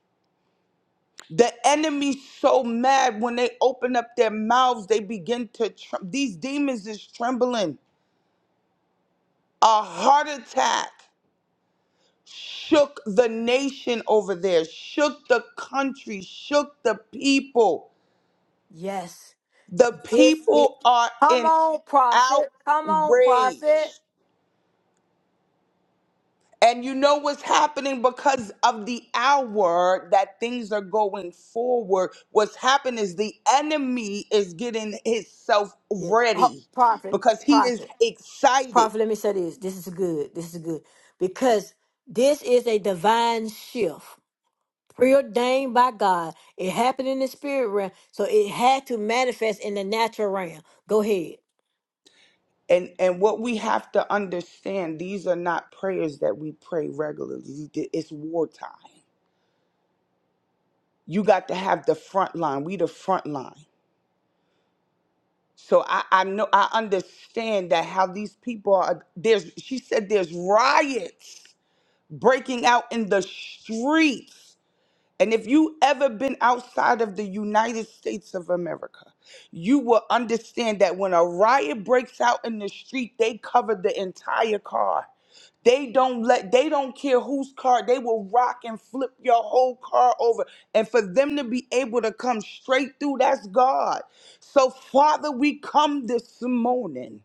The enemy's so mad when they open up their mouths, they begin to, tr- these demons is trembling. A heart attack shook the nation over there, shook the country, shook the people. Yes. The Yes, it. people are Come in on, prophet. Come on, outrage. prophet. And you know what's happening because of the hour that things are going forward. What's happening is the enemy is getting himself Yes, ho- ready prophet, because he is prophet, excited. prophet. Let me say this. This is good. This is good because this is a divine shift preordained by God. It happened in the spirit realm, so it had to manifest in the natural realm. Go ahead. And and what we have to understand, these are not prayers that we pray regularly. It's wartime. You got to have the front line. We the front line. So I, I know I understand that how these people are there's she said there's riots breaking out in the streets. And if you ever been outside of the United States of America, you will understand that when a riot breaks out in the street, they cover the entire car. They don't let they don't care whose car, they will rock and flip your whole car over. And for them to be able to come straight through, that's God. So Father, we come this morning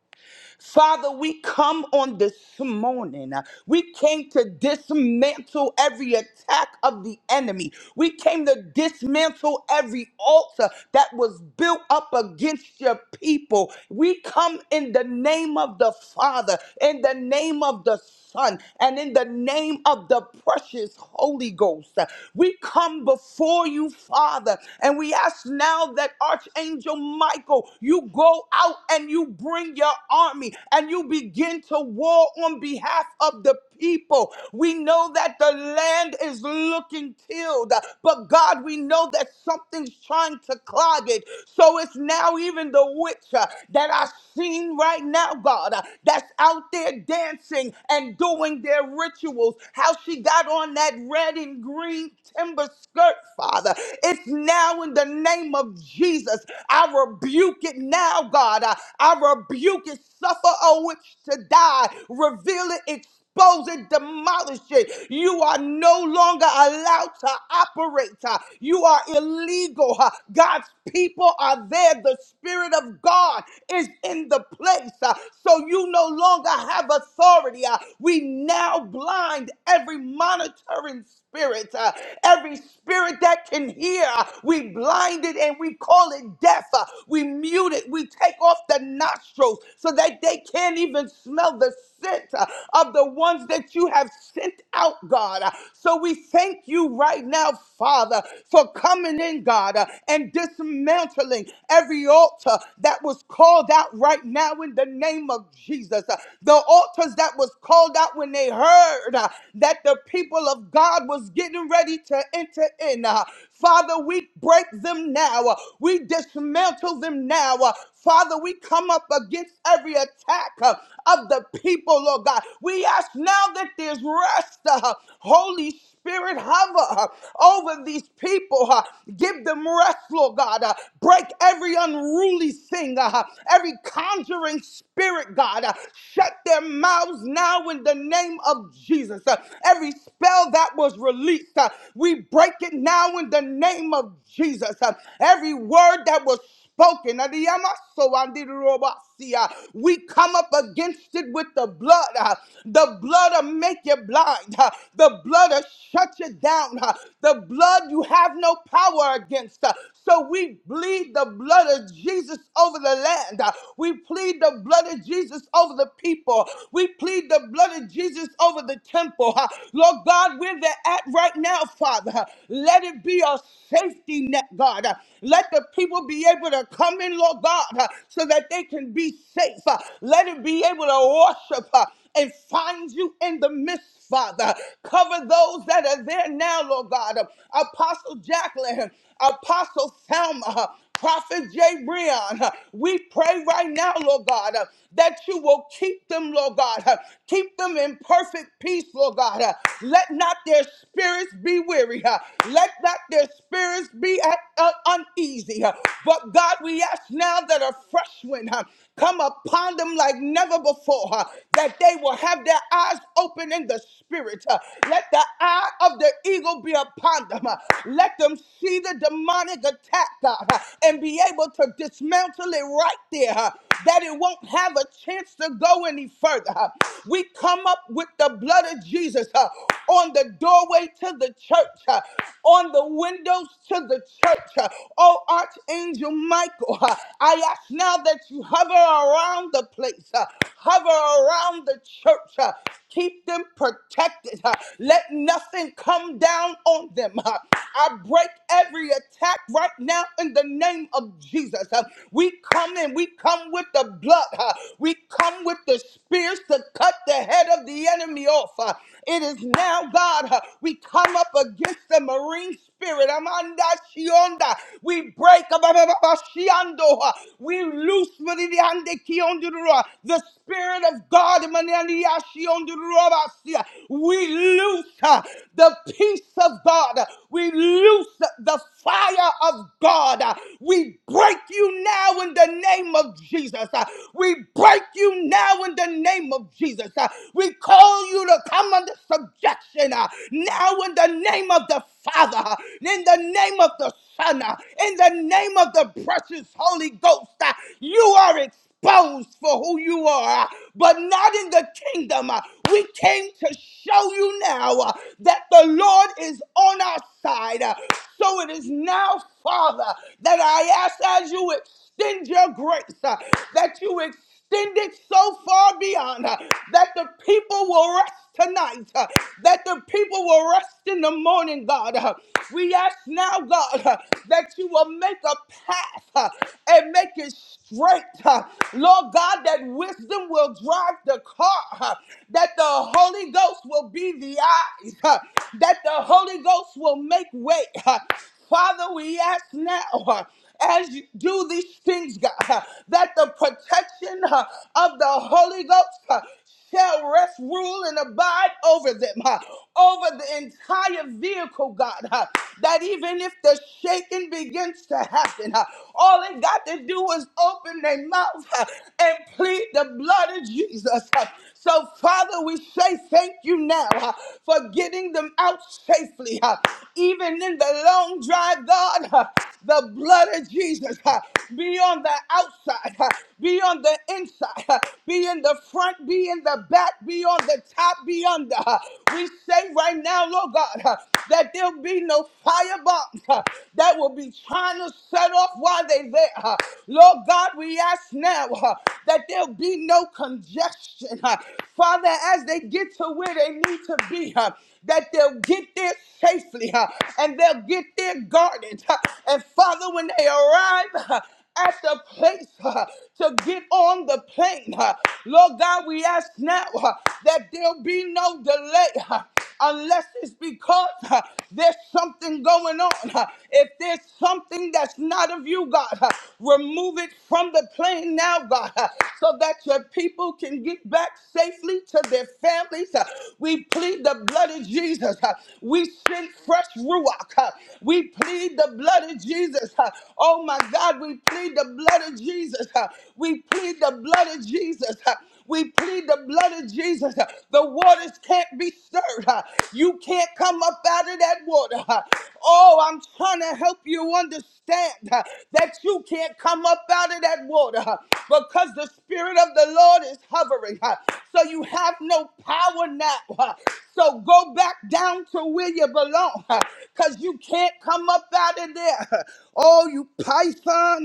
Father, we come on this morning. We came to dismantle every attack of the enemy. We came to dismantle every altar that was built up against your people. We come in the name of the Father, in the name of the Son, and in the name of the precious Holy Ghost. We come before you, Father, and we ask now that Archangel Michael, you go out and you bring your army and you begin to war on behalf of the people. We know that the land is looking tilled, but God, we know that something's trying to clog it. So it's now even the witch uh, that I've seen right now, God, uh, that's out there dancing and doing their rituals. How she got on that red and green timber skirt, Father. It's now in the name of Jesus. I rebuke it now, God. I, I rebuke it. Suffer a witch to die. Reveal it expose it, demolish it. You are no longer allowed to operate. uh, You are illegal. uh, God's people are there. The Spirit of God is in the place. uh, So you no longer have authority. uh, We now blind every monitoring spirit, uh, every spirit that can hear, uh, we blind it and we call it deaf. uh, we mute it. We take off the nostrils so that they can't even smell the scent uh, of the ones that you have sent out, God. Uh, so we thank you right now, Father, for coming in, God, uh, and dismantling every altar that was called out right now in the name of Jesus. Uh, the altars that was called out when they heard uh, that the people of God was getting ready to enter in. Uh, Father, we break them now. Uh, We dismantle them now. Uh, Father, we come up against every attack uh, of the people, Lord God. We ask now that there's rest, uh, Holy Spirit. Spirit, hover uh, over these people. uh, Give them rest, Lord God. uh, Break every unruly thing, uh, every conjuring spirit, God. uh, Shut their mouths now in the name of Jesus. Uh, Every spell that was released, uh, we break it now in the name of Jesus. Uh, Every word that was spoken. Adiyamaso andirobasia. We come up against it with the blood. uh, The blood will make you blind. uh, The blood will shut you down. uh, The blood you have no power against. uh, So we bleed the blood of Jesus over the land. uh, We plead the blood of Jesus over the people. We plead the blood of Jesus over the temple. uh, Lord God, where they're at right now, Father, uh, let it be a safety net, God. uh, let the people be able to come in, Lord God, uh, so that they can be safe. Uh, Let it be able to worship uh, and find you in the midst. Father, cover those that are there now, Lord God. Uh, Apostle Jacqueline, Apostle Selma, Prophet Jay Breon. uh, We pray right now, Lord God. uh, that you will keep them, Lord God. Uh, Keep them in perfect peace, Lord God. Uh, Let not their spirits be weary. Uh, Let not their spirits be at, uh, uneasy. Uh, But God, we ask now that a fresh wind uh, come upon them like never before, uh, that they will have their eyes open in the spirit. Uh, Let the eye of the eagle be upon them. Uh, Let them see the demonic attack, God, uh, and be able to dismantle it right there. uh, that it won't have a chance to go any further. Uh, We come up with the blood of Jesus uh, on the doorway to the church, uh, on the windows to the church. uh. Oh, Archangel Michael, uh, I ask now that you hover around the place, uh, hover around the church, uh, keep them protected. uh. Let nothing come down on them. uh. I break every attack right now in the name of Jesus. Uh, We come come in. We come with the blood. huh? We come with the spears to cut the head of the enemy off. huh? It is now, God, huh, we come up against the marine spirit. Amanda Shionda. We break up we loose Maridiande Kiondurua, the spirit of God. Manania Shiondurua. Basia. We loose huh, the peace of God. huh? We loose the fire of God. huh? We break you you now in the name of Jesus. Uh, We break you now in the name of Jesus. Uh, We call you to come under subjection uh, now in the name of the Father, uh, in the name of the Son, uh, in the name of the precious Holy Ghost. uh, You are exposed exposed for who you are, uh, but not in the kingdom. Uh, We came to show you now uh, that the Lord is on our side. Uh, So it is now, Father, that I ask as you extend your grace, uh, that you extend extended so far beyond uh, that the people will rest tonight, uh, that the people will rest in the morning, God. Uh, we ask now, God, uh, that you will make a path uh, and make it straight. uh, Lord God, that wisdom will drive the car, uh, that the Holy Ghost will be the eyes, uh, that the Holy Ghost will make way. uh, Father, we ask now. uh, as you do these things, God, uh, that the protection uh, of the Holy Ghost uh, shall rest, rule, and abide over them, uh, over the entire vehicle, God. uh, that even if the shaking begins to happen, uh, all they got to do is open their mouth uh, and plead the blood of Jesus. uh. so, Father, we say thank you now uh, for getting them out safely, uh, even in the long drive, God. uh, the blood of Jesus uh, be on the outside, uh, be on the inside, uh, be in the front, be in the back, be on the top, be under. uh. We say right now, Lord God, uh, that there'll be no firebombs uh, that will be trying to set off while they're there. uh. Lord God, we ask now uh, that there'll be no congestion. uh. Father, as they get to where they need to be, huh? that they'll get there safely huh, and they'll get there guarded. huh. And Father, when they arrive, huh, at the place uh, to get on the plane. uh, Lord God, we ask now uh, that there'll be no delay uh, unless it's because uh, there's something going on. uh, if there's something that's not of you, God, uh, remove it from the plane now, God, uh, so that your people can get back safely to their families. uh, we plead the blood of Jesus. uh, We send fresh ruach. uh, We plead the blood of Jesus. uh, Oh my God, we plead the blood of Jesus. uh, We plead the blood of Jesus. uh, we plead the blood of Jesus. uh, The waters can't be stirred. uh, You can't come up out of that water. uh, Oh, I'm trying to help you understand uh, that you can't come up out of that water uh, because the Spirit of the Lord is hovering. uh, So you have no power now. uh, so go back down to where you belong because you can't come up out of there. huh? Oh, you python.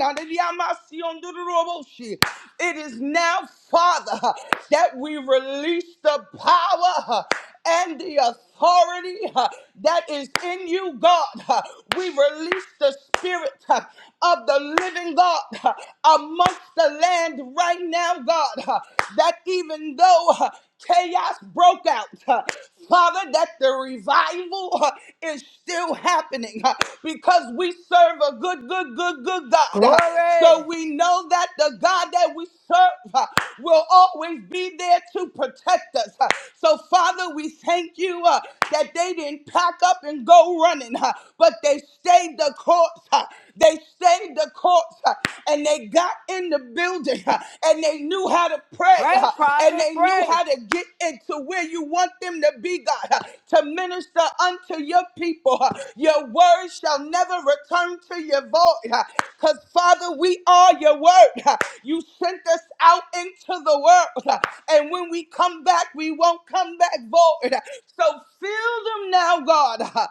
It is now, Father, huh, that we release the power huh, and the authority authority uh, that is in you, God. Uh, we release the spirit uh, of the living God uh, amongst the land right now, God, uh, that even though uh, chaos broke out, uh, Father, that the revival uh, is still happening uh, because we serve a good, good, good, good God. uh, Glory. so we know that the God that we serve uh, will always be be there to protect us. Uh, So, Father, we thank you uh, that they didn't pack up and go running, uh, but they stayed the course. uh, They stayed the course uh, and they got in the building uh, and they knew how to pray Pray, uh, and prophet. they knew Pray, how to get into where you want them to be, God, uh, to minister unto your people. uh, Your word shall never return to your void because, Father, we are are your word. You sent us out into the world. And when we come back, we won't come back void. So fill them now, God.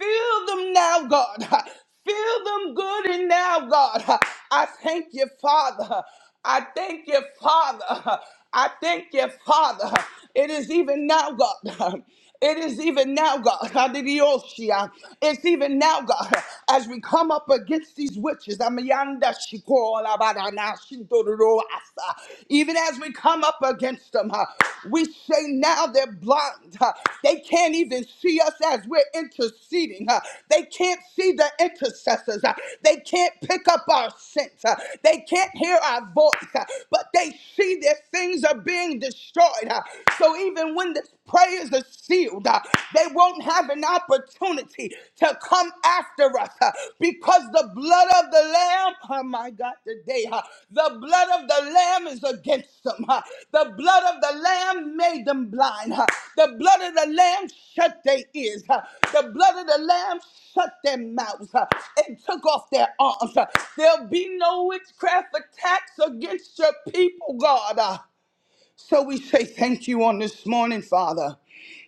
Fill them now, God. Fill them good and now, God. I thank you, Father. I thank you, Father. I thank you, Father. It is even now, God. It is even now, God. Hallelujah. It's even now, God, as we come up against these witches. Amayanda shikola barana shindororo asa. Even as we come up against them, huh, we say now they're blind. huh. They can't even see us as we're interceding. huh. They can't see the intercessors. huh. They can't pick up our sense. huh. They can't hear our voice, huh. but they see their things are being destroyed. huh. So even when the prayers are sealed, uh, they won't have an opportunity to come after us uh, because the blood of the Lamb, oh my God, today, uh, the blood of the Lamb is against them. uh, the blood of the Lamb made them blind. uh, the blood of the Lamb shut their ears. uh, the blood of the Lamb shut their mouths uh, and took off their arms. uh. there'll be no witchcraft attacks against your people, God. uh. So we say thank you on this morning, Father.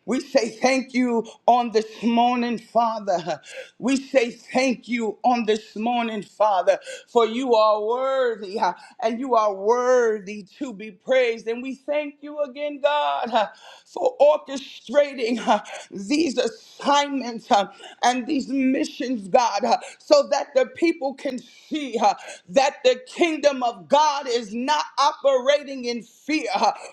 We say thank you on this morning, Father. We say thank you on this morning, Father, for you are worthy uh, and you are worthy to be praised. And we thank you again, God, uh, for orchestrating uh, these assignments uh, and these missions, God, uh, so that the people can see uh, that the kingdom of God is not operating in fear,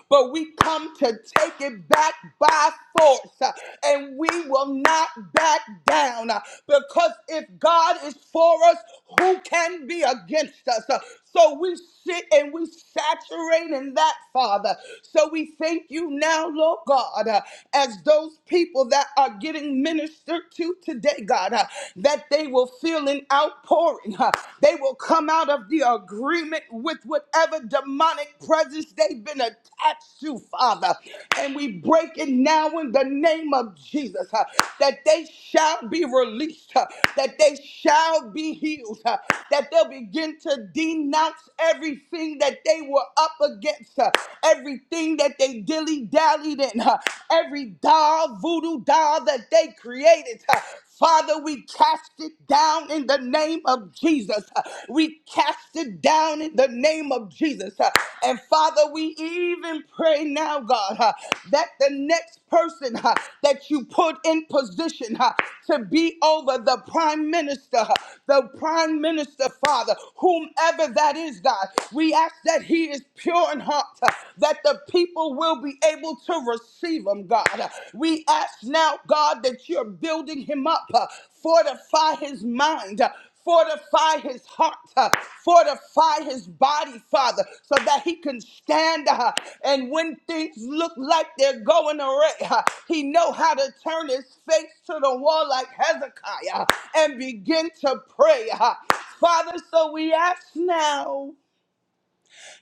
but we come to take it back by force, uh, and we will not back down uh, because if God is for us, who can be against us? Uh, So we sit and we saturate in that, Father. So we thank you now, Lord God, uh, as those people that are getting ministered to today, God, uh, that they will feel an outpouring. huh? They will come out of the agreement with whatever demonic presence they've been attached to, Father. And we break it now in the name of Jesus huh? that they shall be released, huh? that they shall be healed, huh? that they'll begin to denounce everything that they were up against, huh? everything that they dilly dallied in, huh? every doll, voodoo doll that they created. huh? Father, we cast it down in the name of Jesus. Uh, We cast it down in the name of Jesus. Uh, And Father, we even pray now, God, uh, that the next person uh, that you put in position uh, to be over the prime minister, uh, the prime minister, Father, whomever that is, God, we ask that he is pure in heart, uh, that the people will be able to receive him, God. We ask now, God, that you're building him up. uh, Fortify his mind. uh, Fortify his heart, uh, fortify his body, Father, so that he can stand. uh, And when things look like they're going away, uh, he know how to turn his face to the wall like Hezekiah uh, and begin to pray. uh. Father, so we ask now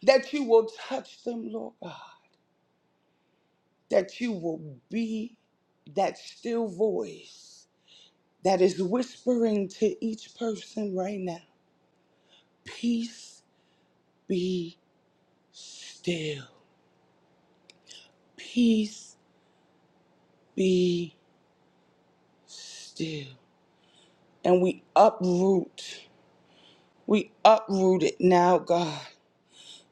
that you will touch them, Lord. God that you will be that still voice that is whispering to each person right now peace be still peace be still and we uproot we uproot it now god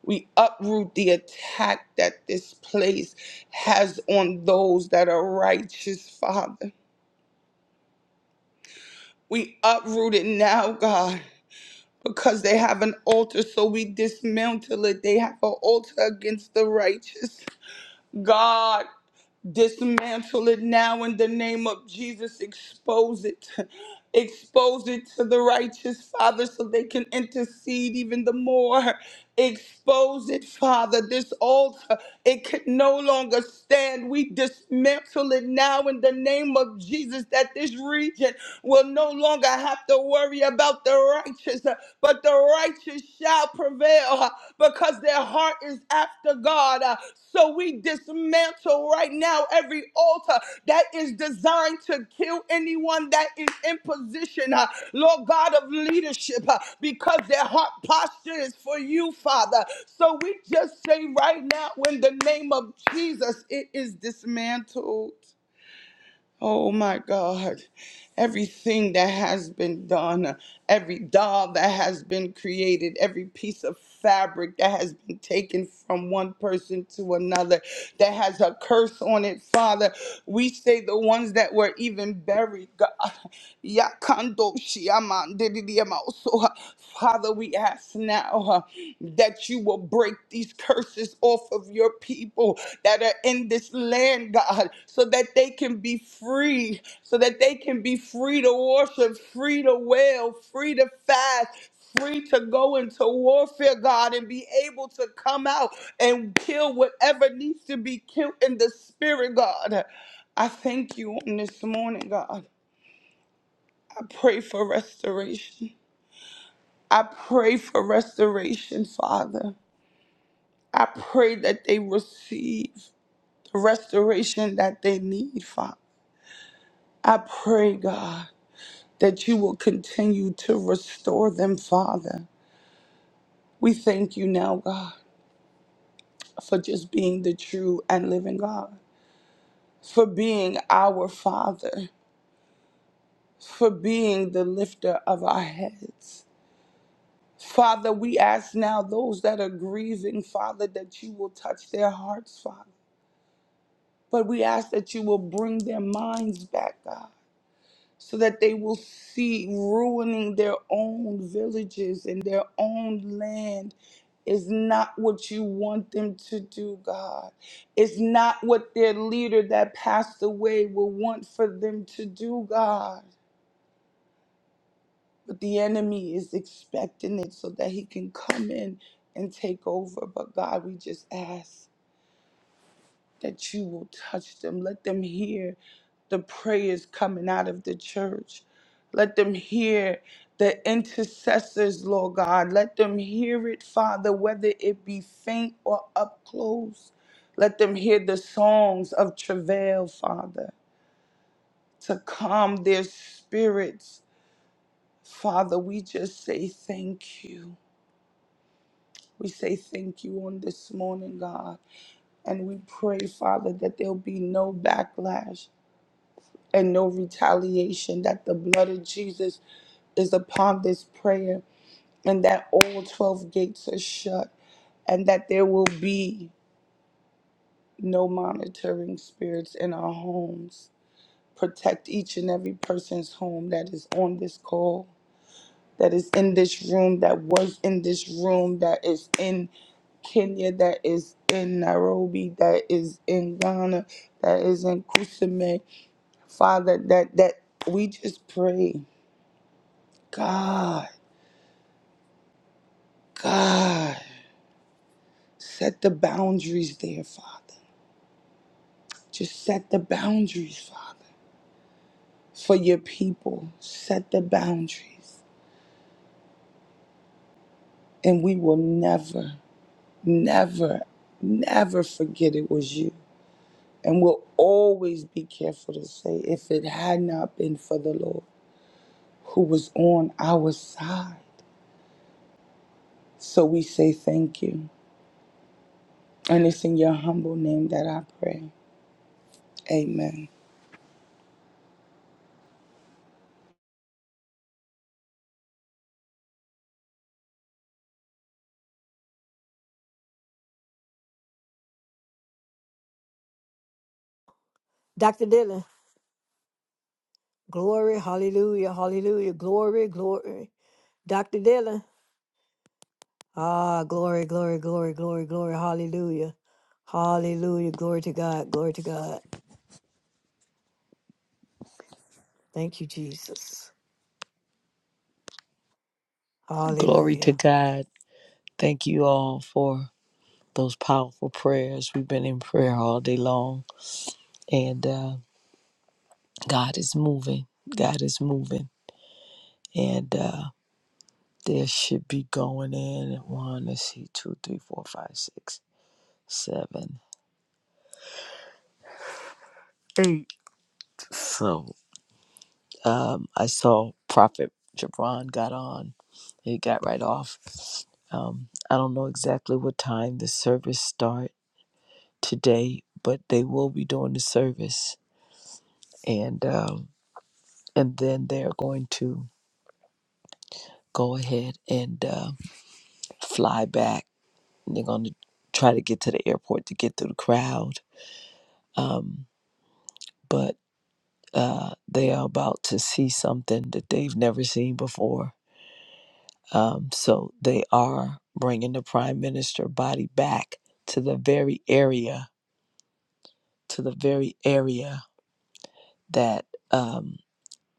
we uproot the attack that this place has on those that are righteous father we uproot it now god because they have an altar, so we dismantle it. They have an altar against the righteous. God. Dismantle it now in the name of Jesus. Expose it. Expose it to the righteous, Father, so they can intercede even the more. Expose it, Father. This altar, it can no longer stand. We dismantle it now in the name of Jesus that this region will no longer have to worry about the righteous, but the righteous shall prevail because their heart is after God. Uh, So we dismantle right now every altar that is designed to kill anyone that is in position, uh, Lord God of leadership, uh, because their heart posture is for you, Father. So we just say right now, in the name of Jesus, it is dismantled. Oh my God, everything that has been done, every doll that has been created, every piece of fabric that has been taken from one person to another, that has a curse on it, Father. We say the ones that were even buried, God. Yakando shiamandidiyamauso. Father, we ask now uh, that you will break these curses off of your people that are in this land, God, so that they can be free, so that they can be free to worship, free to wail, free to fast, free to go into warfare, God, and be able to come out and kill whatever needs to be killed in the spirit, God. I thank you on this morning, God. I pray for restoration. I pray for restoration, Father. I pray that they receive the restoration that they need, Father. I pray, God, that you will continue to restore them, Father. We thank you now, God, for just being the true and living God, for being our Father, for being the lifter of our heads. Father, we ask now those that are grieving, Father, that you will touch their hearts, Father. But we ask that you will bring their minds back, God, so that they will see ruining their own villages and their own land is not what you want them to do, God. It's not what their leader that passed away will want for them to do, God. But the enemy is expecting it so that he can come in and take over. But God, we just ask that you will touch them. Let them hear the prayers coming out of the church. Let them hear the intercessors, Lord God. Let them hear it, Father, whether it be faint or up close. Let them hear the songs of travail, Father, to calm their spirits. Father, we just say thank you. We say thank you on this morning, God. And we pray, Father, that there'll be no backlash and no retaliation, that the blood of Jesus is upon this prayer, and that all 12 gates are shut, and that there will be no monitoring spirits in our homes. Protect each and every person's home that is on this call. that is in this room, that was in this room, that is in Kenya, that is in Nairobi, that is in Ghana, that is in Kusame. Father, that that we just pray, God, God, set the boundaries there, Father. Just set the boundaries, Father, for your people. Set the boundaries, and we will never, never, never forget it was you. And we'll always be careful to say, if it had not been for the Lord who was on our side. So we say thank you. And it's in your humble name that I pray. Amen. Doctor Dylan. Glory. Hallelujah. Hallelujah. Glory. Glory. Doctor Dylan. Ah, glory, glory, glory, glory, glory. Hallelujah. Hallelujah. Glory to God. Glory to God. Thank you, Jesus. Glory to Hallelujah. God. Thank you all for those powerful prayers. We've been in prayer all day long, and uh, God is moving. God is moving. And uh, there should be going in one, let's see, two, three, four, five, six, seven. So um, I saw Prophet Jabron got on. He got right off. Um, I don't know exactly what time the service start today, but they will be doing the service. And um, and then they're going to go ahead and uh, fly back. And they're going to try to get to the airport to get through the crowd, um, but uh, they are about to see something that they've never seen before. Um, so they are bringing the prime minister body back to the very area, to the very area that um,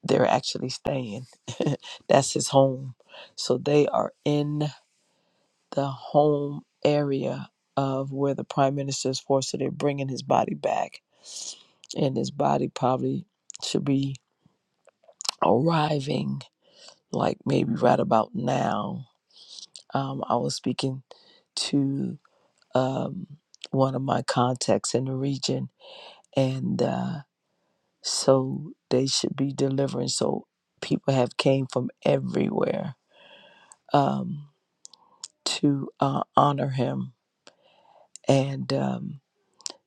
they're actually staying. That's his home. So they are in. the home area of where the prime minister is forced to they're bringing his body back and his body probably should be arriving like maybe right about now um, i was speaking to um, one of my contacts in the region and uh, so they should be delivering so people have came from everywhere um, to uh, honor him and um,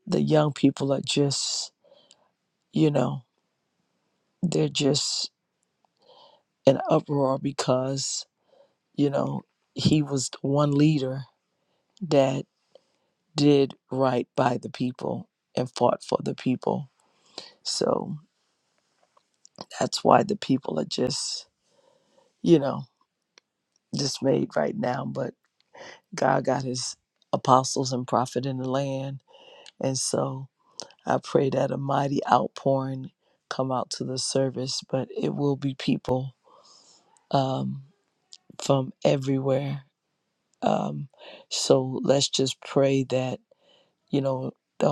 the young people are just, you know, they're just in uproar because, you know, he was the one leader that did right by the people and fought for the people. So that's why the people are just, you know, dismayed right now. But God got his apostles and prophet in the land. And so I pray that a mighty outpouring come out to the service, but it will be people. Um, from everywhere. Um, so let's just pray that you know the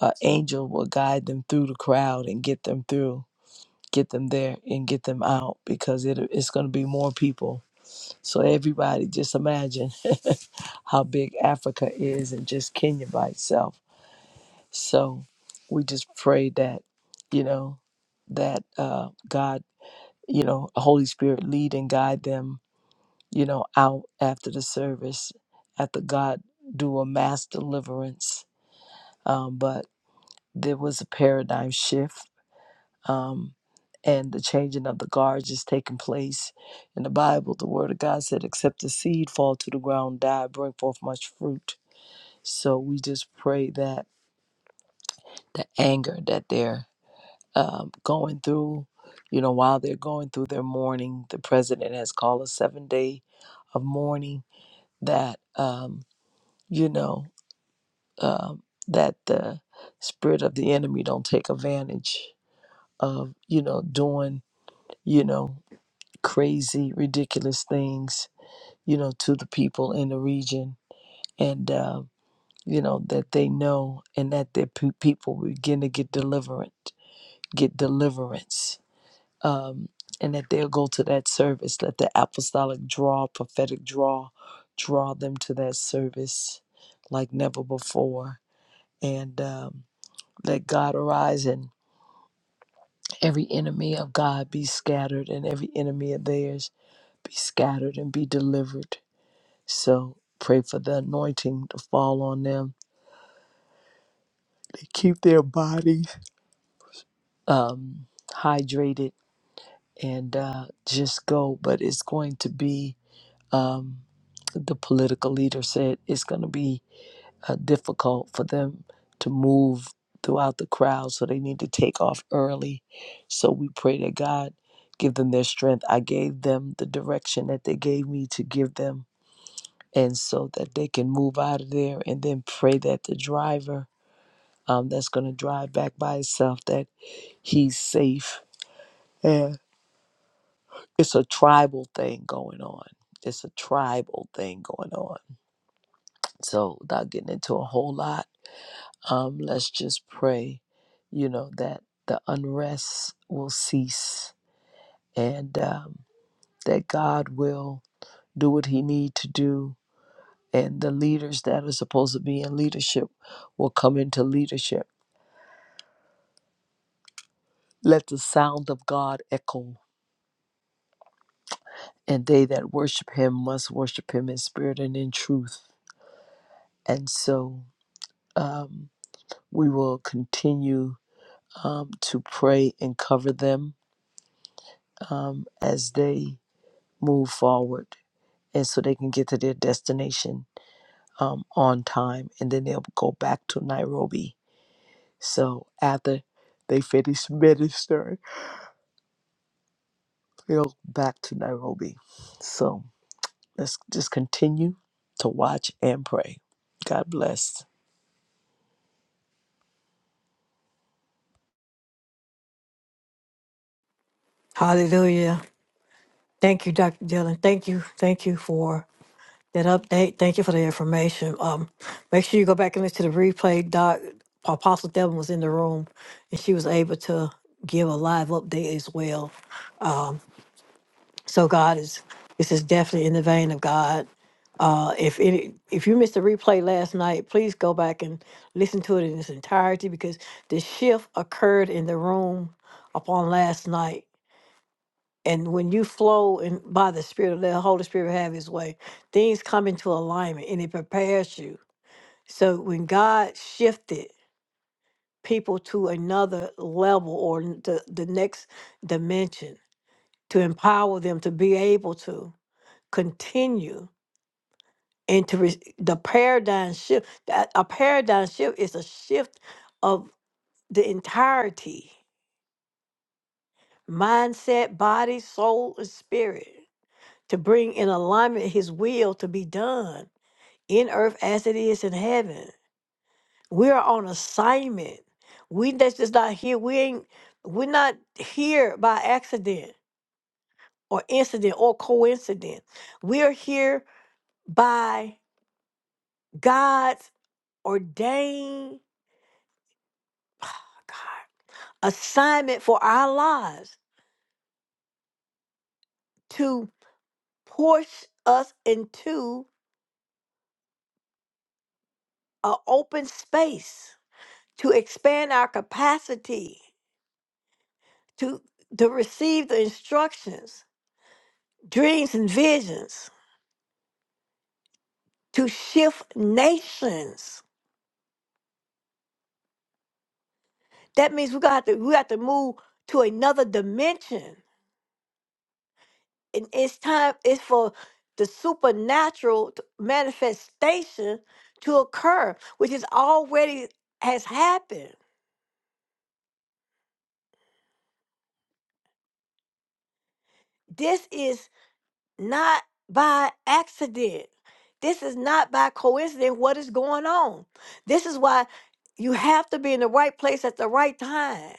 uh, angel will guide them through the crowd and get them through, get them there and get them out because it, it's going to be more people. So everybody, just imagine how big Africa is and just Kenya by itself. So we just pray that you know that uh, God, you know, Holy Spirit lead and guide them you know, out after the service, after God do a mass deliverance. Um, but there was a paradigm shift, um, and the changing of the guards is taking place. In the Bible, the Word of God said, "Except the seed fall to the ground, die, bring forth much fruit." So we just pray that the anger that they're um, going through, you know, while they're going through their mourning, the president has called a seven day of mourning. That um, you know. um, that the spirit of the enemy don't take advantage of you know doing you know crazy ridiculous things you know to the people in the region and uh, you know that they know and that their pe- people begin to get deliverance get deliverance um, and that they'll go to that service let the apostolic draw prophetic draw draw them to that service like never before and um, Let God arise and every enemy of God be scattered and every enemy of theirs be scattered and be delivered. So pray for the anointing to fall on them. They Keep their bodies um, hydrated and uh, just go. But it's going to be, um, the political leader said, it's going to be uh, difficult for them to move throughout the crowd, so they need to take off early. So we pray that God give them their strength. I gave them the direction that they gave me to give them, and so that they can move out of there. And then pray that the driver um, that's going to drive back by himself that he's safe. Yeah. It's a tribal thing going on. It's a tribal thing going on. So, without getting into a whole lot, Um, let's just pray, you know, that the unrest will cease and um, that God will do what he need to do and the leaders that are supposed to be in leadership will come into leadership. Let the sound of God echo and they that worship him must worship him in spirit and in truth. And so um, we will continue um, to pray and cover them um, as they move forward. and so they can get to their destination um, on time and then they'll go back to Nairobi. So after they finish ministering, they'll go back to Nairobi. So let's just continue to watch and pray. God bless. Hallelujah. Thank you, Dr. Dillon. Thank you. Thank you for that update. Thank you for the information. Um, make sure you go back and listen to the replay. Doc Apostle Devin was in the room and she was able to give a live update as well. So God is this is definitely in the vein of God. Uh, if it, if you missed the replay last night, please go back and listen to it in its entirety because the shift occurred in the room upon last night. And when you flow in by the Spirit, let the Holy Spirit have His way. Things come into alignment, and it prepares you. So when God shifted people to another level or n- the, the next dimension to empower them to be able to continue. and to re- the paradigm shift that a paradigm shift is a shift of the entirety mindset body soul and spirit to bring in alignment his will to be done in earth as it is in heaven we are on assignment we that's just not here we ain't we're not here by accident or incident or coincidence we are here by god's ordained God. assignment for our lives to push us into an open space, to expand our capacity, to, to receive the instructions, dreams and visions, to shift nations. That means we got to we got to move to another dimension. And it's time it's for the supernatural t- manifestation to occur, which is already has happened. This is not by accident. This is not by coincidence what is going on. This is why you have to be in the right place at the right time.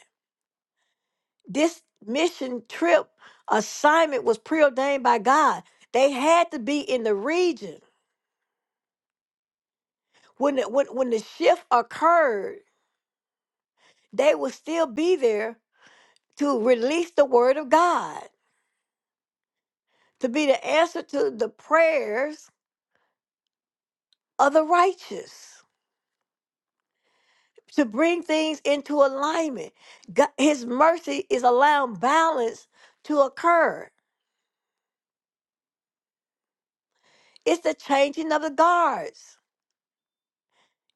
This mission trip assignment was preordained by God. They had to be in the region. When the, when, when the shift occurred, they would still be there to release the word of God, to be the answer to the prayers of the righteous. to bring things into alignment. God, his mercy is allowing balance to occur. It's the changing of the guards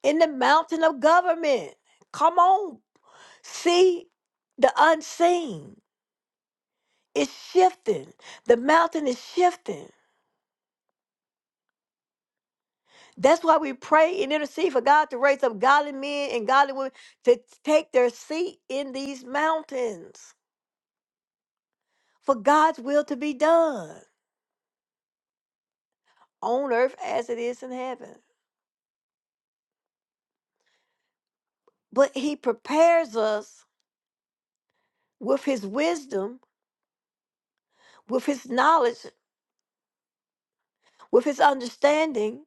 in the mountain of government. Come on, see the unseen. It's shifting. The mountain is shifting. That's why we pray and intercede for God to raise up godly men and godly women to take their seat in these mountains for God's will to be done on earth as it is in heaven. But he prepares us with his wisdom, with his knowledge, with his understanding.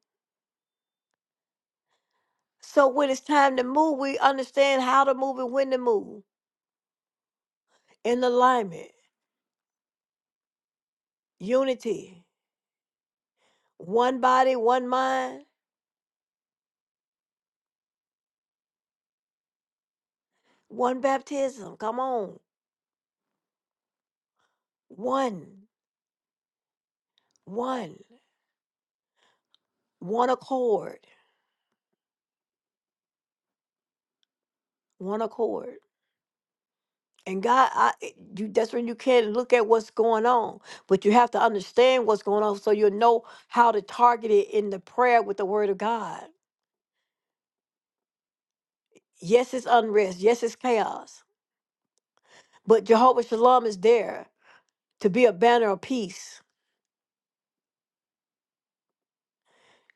So when it's time to move, we understand how to move and when to move in alignment, unity, one body, one mind, one baptism. Come on. One, one, one accord, one accord. And God, I, it- you that's when you can look at what's going on, but you have to understand what's going on so you'll know how to target it in the prayer with the word of God. Yes, it's unrest. Yes, it's chaos. But Jehovah Shalom is there to be a banner of peace,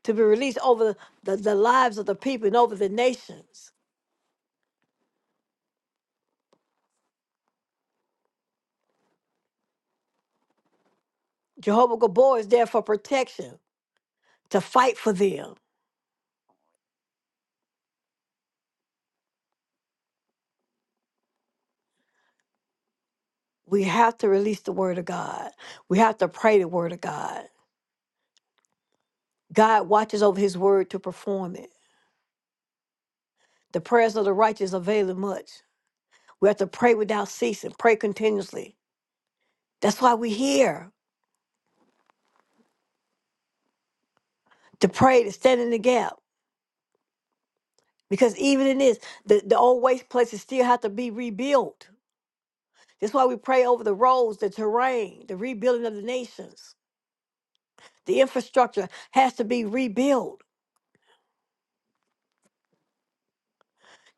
to be released over the, the lives of the people and over the nations. Jehovah Gabor is there for protection, to fight for them. We have to release the word of God. We have to pray the word of God. God watches over his word to perform it. The prayers of the righteous avail much. We have to pray without ceasing, pray continuously. That's why we're here to pray, to stand in the gap. Because even in this, the, the old waste places still have to be rebuilt. That's why we pray over the roads, the terrain, the rebuilding of the nations. The infrastructure has to be rebuilt.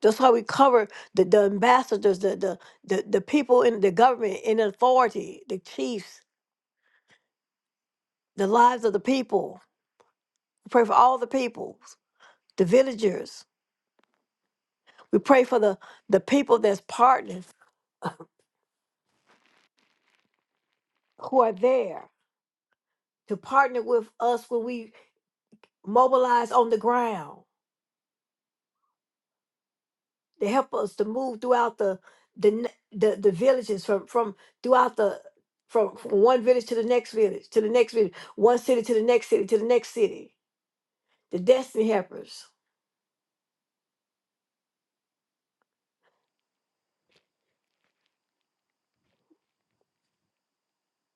That's why we cover the, the ambassadors, the, the, the, the people in the government, in authority, the chiefs, the lives of the people. We pray for all the peoples, the villagers We pray for the, the people that's partners who are there to partner with us when we mobilize on the ground to help us to move throughout the the n- the, the villages from from throughout the from, from one village to the next village to the next village, one city to the next city to the next city. The destiny helpers.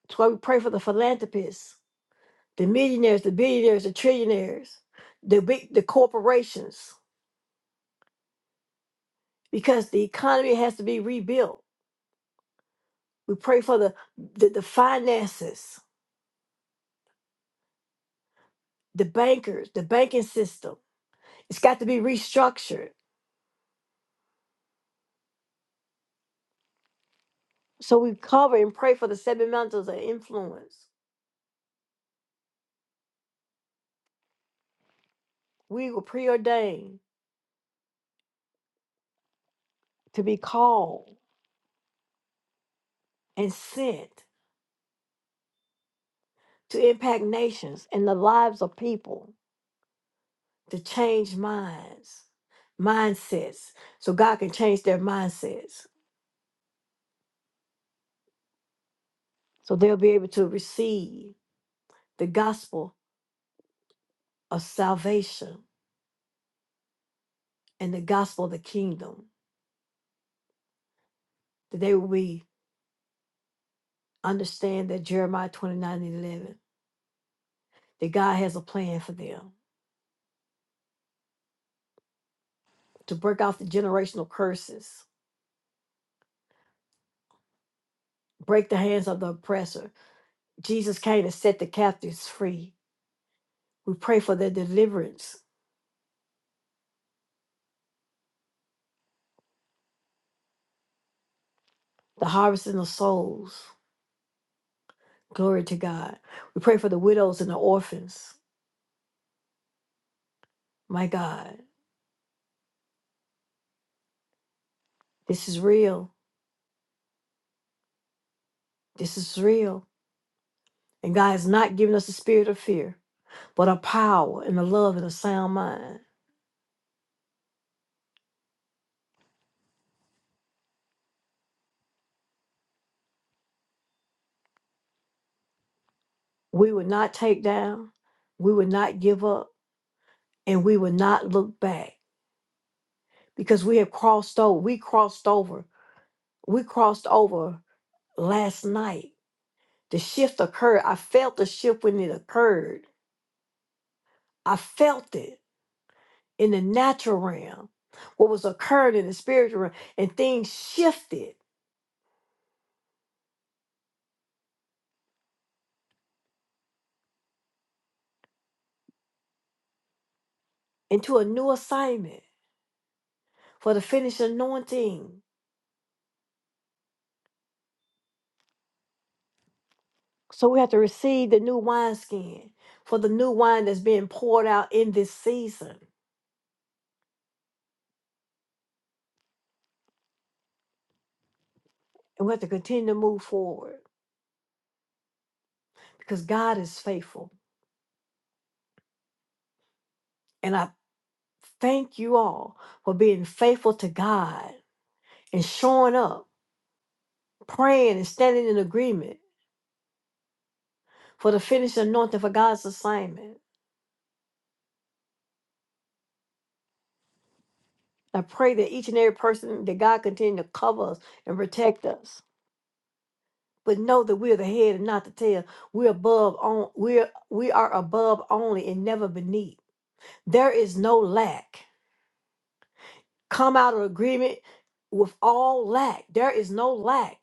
That's why we pray for the philanthropists, the millionaires, the billionaires, the trillionaires, the big the corporations, because the economy has to be rebuilt We pray for the, the, the finances, the bankers, the banking system. It's got to be restructured. So we cover and pray for the seven mountains of influence. We were preordained to be called and sent to impact nations and the lives of people to change minds, mindsets, so God can change their mindsets. So they'll be able to receive the gospel of salvation and the gospel of the kingdom. That they will be understand that Jeremiah 29 and 11, that God has a plan for them to break off the generational curses, break the hands of the oppressor. Jesus came to set the captives free. We pray for their deliverance, the harvesting of souls. Glory to God. We pray for the widows and the orphans. My God, this is real. This is real. And God has not given us a spirit of fear, but a power and a love and a sound mind. We would not take down. We would not give up and we will not look back because we have crossed over. We crossed over. We crossed over last night. The shift occurred. I felt the shift when it occurred. I felt it in the natural realm, what was occurring in the spiritual realm, and things shifted into a new assignment for the finished anointing. So we have to receive the new wineskin for the new wine that's being poured out in this season. And we have to continue to move forward because God is faithful. And I thank you all for being faithful to God and showing up, praying and standing in agreement for the finished anointing for God's assignment. I pray that each and every person that God continue to cover us and protect us. But know that we are the head and not the tail. We're above on we're we are above only and never beneath. There is no lack. Come out of agreement with all lack. There is no lack.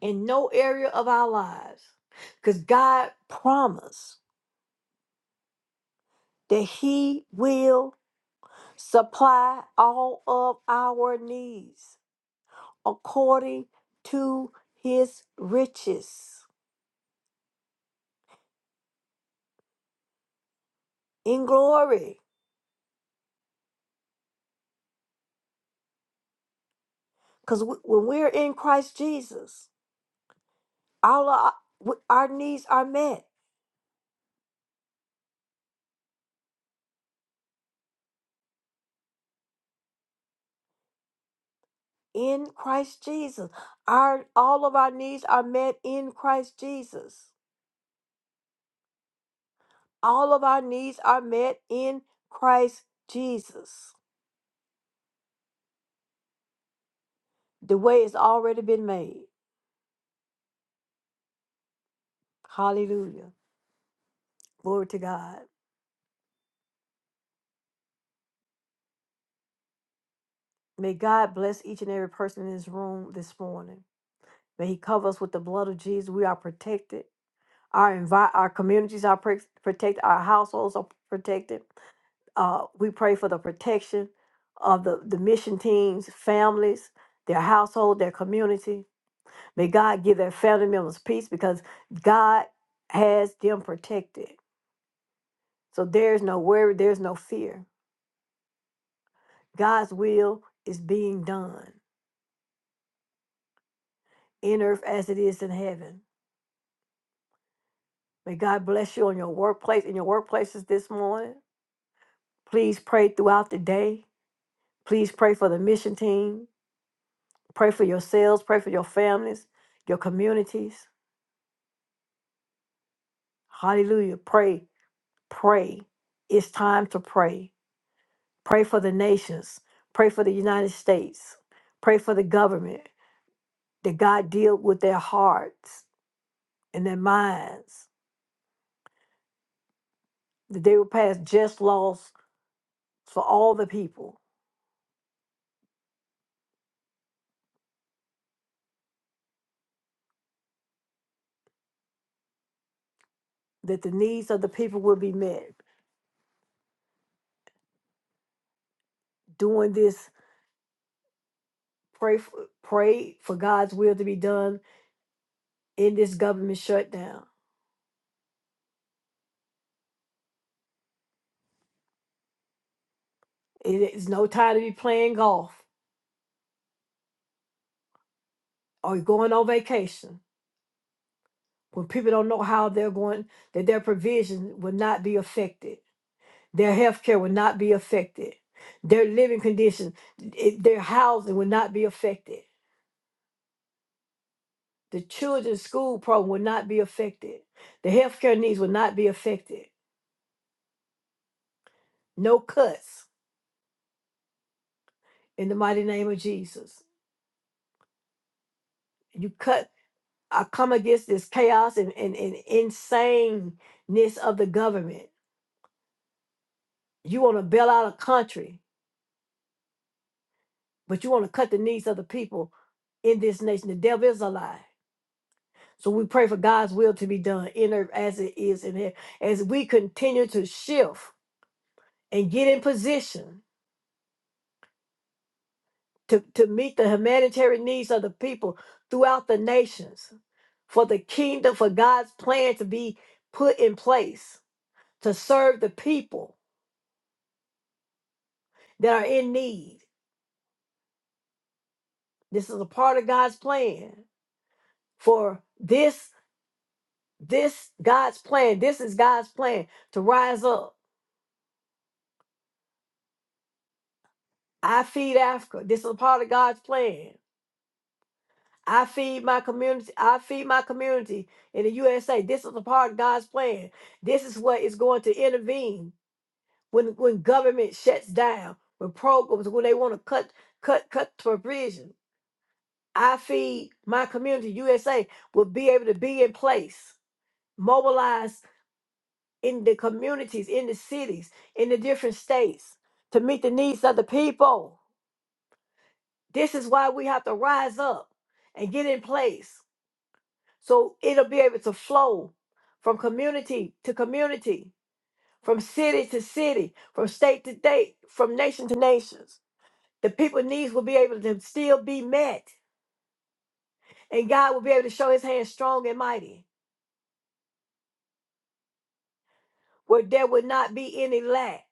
in no area of our lives. Because God promised that He will supply all of our needs according to His riches in glory. Because when we're in Christ Jesus, all of our, our needs are met in Christ Jesus. Our all of our needs are met in Christ Jesus. All of our needs are met in Christ Jesus. The way has already been made. Hallelujah. Glory to God. May God bless each and every person in this room this morning. May He cover us with the blood of Jesus. We are protected. Our envi- our communities are pre- protected. Our households are protected. Uh, we pray for the protection of the, the mission teams, families, their household, their community. May God give their family members peace because God has them protected. So there's no worry, there's no fear. God's will is being done in earth as it is in heaven. May God bless you on your workplace, in your workplaces this morning. Please pray throughout the day. Please pray for the mission team. Pray for yourselves. Pray for your families, your communities. Hallelujah. Pray, pray. It's time to pray. Pray for the nations. Pray for the United States. Pray for the government that God deal with their hearts and their minds, that they will pass just laws for all the people, that the needs of the people will be met. Doing this, pray for, pray for God's will to be done in this government shutdown. It is no time to be playing golf or going on vacation when people don't know how they're going, that their provision will not be affected. Their health care will not be affected. Their living condition, it- their housing will not be affected. The children's school program will not be affected. The healthcare needs will not be affected No cuts in the mighty name of Jesus. You cut, I come against this chaos and, and, and insaneness of the government. You want to bail out a country, but you want to cut the needs of the people in this nation. The devil is a lie. So we pray for God's will to be done in earth as it is in heaven. As we continue to shift and get in position to, to meet the humanitarian needs of the people throughout the nations for the kingdom, for God's plan to be put in place to serve the people that are in need. This is a part of God's plan for this, this God's plan. This is God's plan to rise up. I feed Africa. This is a part of God's plan. I feed my community. I feed my community in the USA. This is a part of God's plan. This is what is going to intervene when when government shuts down, when programs, when they want to cut cut cut provision I feed my community USA will be able to be in place, mobilized in the communities, in the cities, in the different states to meet the needs of the people. This is why we have to rise up and get in place so it'll be able to flow from community to community, from city to city, from state to state, from nation to nations. The people's needs will be able to still be met, and God will be able to show his hand strong and mighty. where there would not be any lack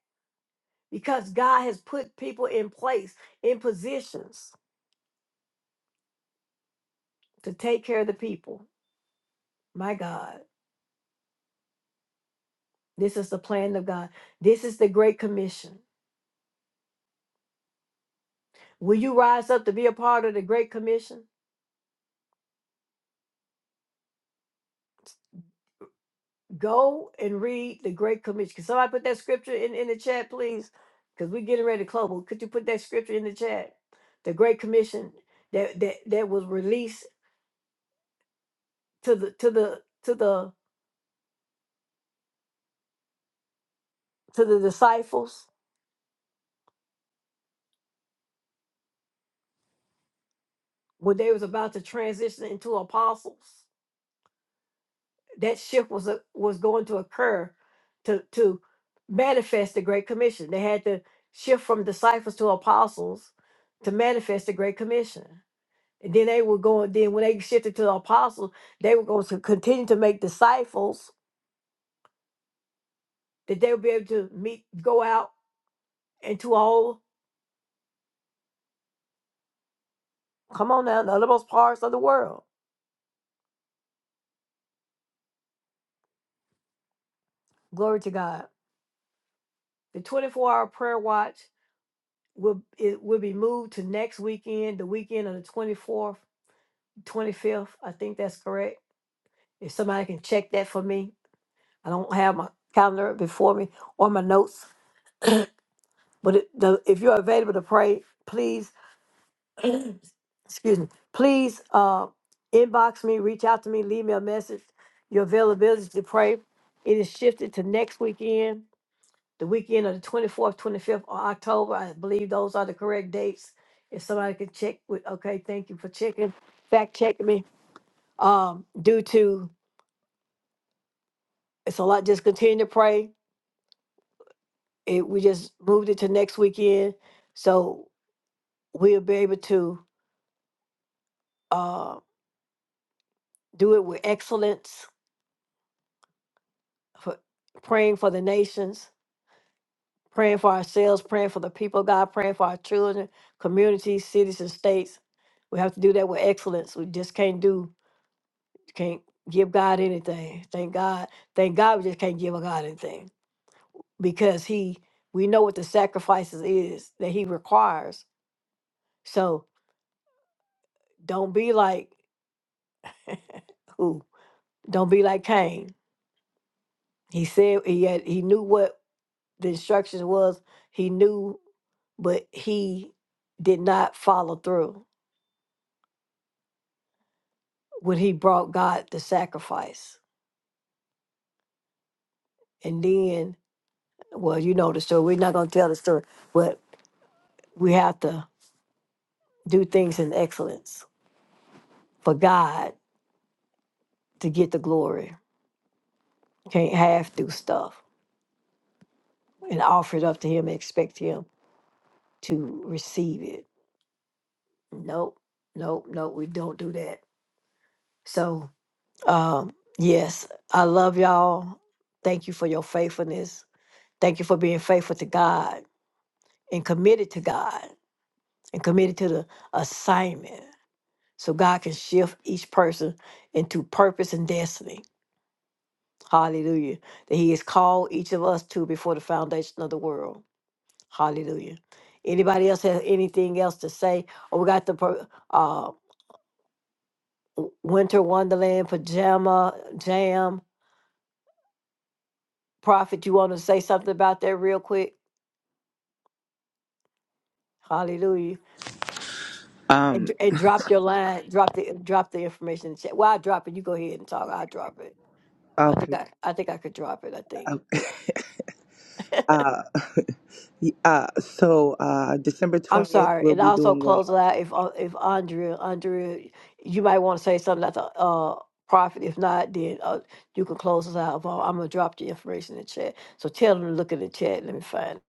because God has put people in place, in positions to take care of the people. My God, this is the plan of God. This is the Great Commission. Will you rise up to be a part of the Great Commission? Go and read the Great Commission. Can somebody put that scripture in, in the chat, please? Because we're getting ready to close. But could you put that scripture in the chat? The Great Commission that, that, that was released to the to the to the to the disciples when they was about to transition into apostles that shift was a, was going to occur to to manifest the great commission they had to shift from disciples to apostles to manifest the great commission and then they were going then when they shifted to the apostles they were going to continue to make disciples that they would be able to meet go out into all come on now the othermost parts of the world glory to god the 24 hour prayer watch will it will be moved to next weekend, the weekend of the twenty fourth, twenty fifth. I think that's correct. If somebody can check that for me, I don't have my calendar before me or my notes. But it, the, if you're available to pray, please, excuse me, please uh, inbox me, reach out to me, leave me a message. Your availability to pray. It is shifted to next weekend the weekend of the 24th, 25th, or October. I believe those are the correct dates. If somebody could check with, okay, thank you for checking, fact checking me. Um, due to, it's a lot, just continue to pray. It, we just moved it to next weekend. So we'll be able to, uh, do it with excellence for praying for the nations, praying for ourselves, praying for the people of God, praying for our children, communities, cities and states. We have to do that with excellence. We just can't do Can't give God anything. Thank God. Thank God we just can't give a God anything because He, we know what the sacrifices is that He requires. So don't be like who? Don't be like Cain. He said he had, he knew what the instructions was. He knew, but he did not follow through when he brought God the sacrifice. And then, well, you know the story. We're not gonna tell the story, but we have to do things in excellence. for God to get the glory. Can't half do stuff and offer it up to Him and expect Him to receive it. Nope, nope, nope. We don't do that. So, um, yes, I love y'all. Thank you for your faithfulness. Thank you for being faithful to God and committed to God and committed to the assignment so God can shift each person into purpose and destiny. Hallelujah. That He has called each of us to before the foundation of the world. Hallelujah. Anybody else have anything else to say? Oh, we got the pro- uh, w- Winter Wonderland pajama jam. Prophet, you want to say something about that real quick? Hallelujah. And, dr- and drop your line. Drop the drop the information. in the chat. Well, I drop it. You go ahead and talk. I drop it. I think Okay. I I think I could drop it. I think. Um, Uh, uh, so uh, December I'm 20th, sorry. we'll And be also doing a close it out if uh, if Andrea, Andrea, you might want to say something that's a uh, profit. If not, then uh, you can close us out. But I'm gonna drop the information in the chat. So tell them to look in the chat. Let me find.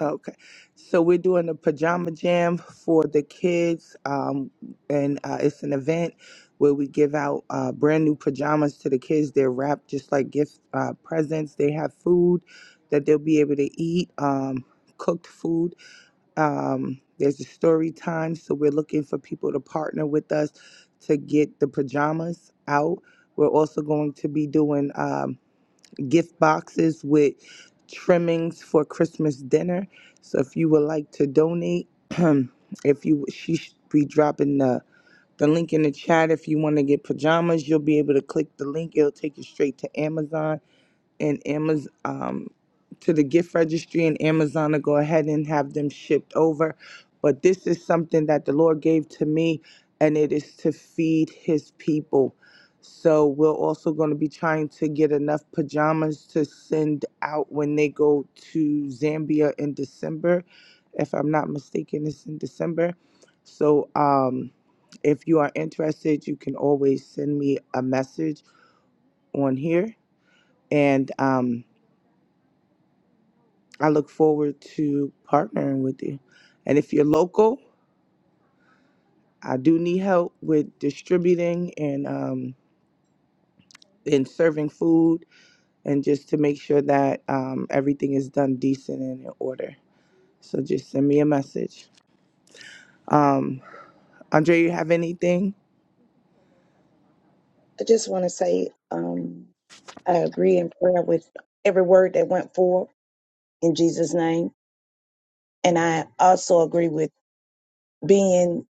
Okay. So we're doing a pajama jam for the kids. Um, and uh, it's an event where we give out uh, brand new pajamas to the kids. They're wrapped just like gift uh, presents. They have food that they'll be able to eat, um, cooked food. Um, there's a story time. So we're looking for people to partner with us to get the pajamas out. We're also going to be doing. um, gift boxes with trimmings for Christmas dinner. So if you would like to donate, if you she should be dropping the the link in the chat. If you want to get pajamas, you'll be able to click the link. It'll take you straight to Amazon and Amazon um, to the gift registry and Amazon to go ahead and have them shipped over. But this is something that the Lord gave to me, and it is to feed His people. So we're also going to be trying to get enough pajamas to send out when they go to Zambia in December, if I'm not mistaken. It's in December. So um, if you are interested, you can always send me a message on here and. Um, I look forward to partnering with you. And if you're local, I do need help with distributing and um, and serving food, and just to make sure that um, everything is done decent and in order. So just send me a message. Um, Andre, you have anything? I just want to say um, I agree in prayer with every word that went forth in Jesus' name. And I also agree with being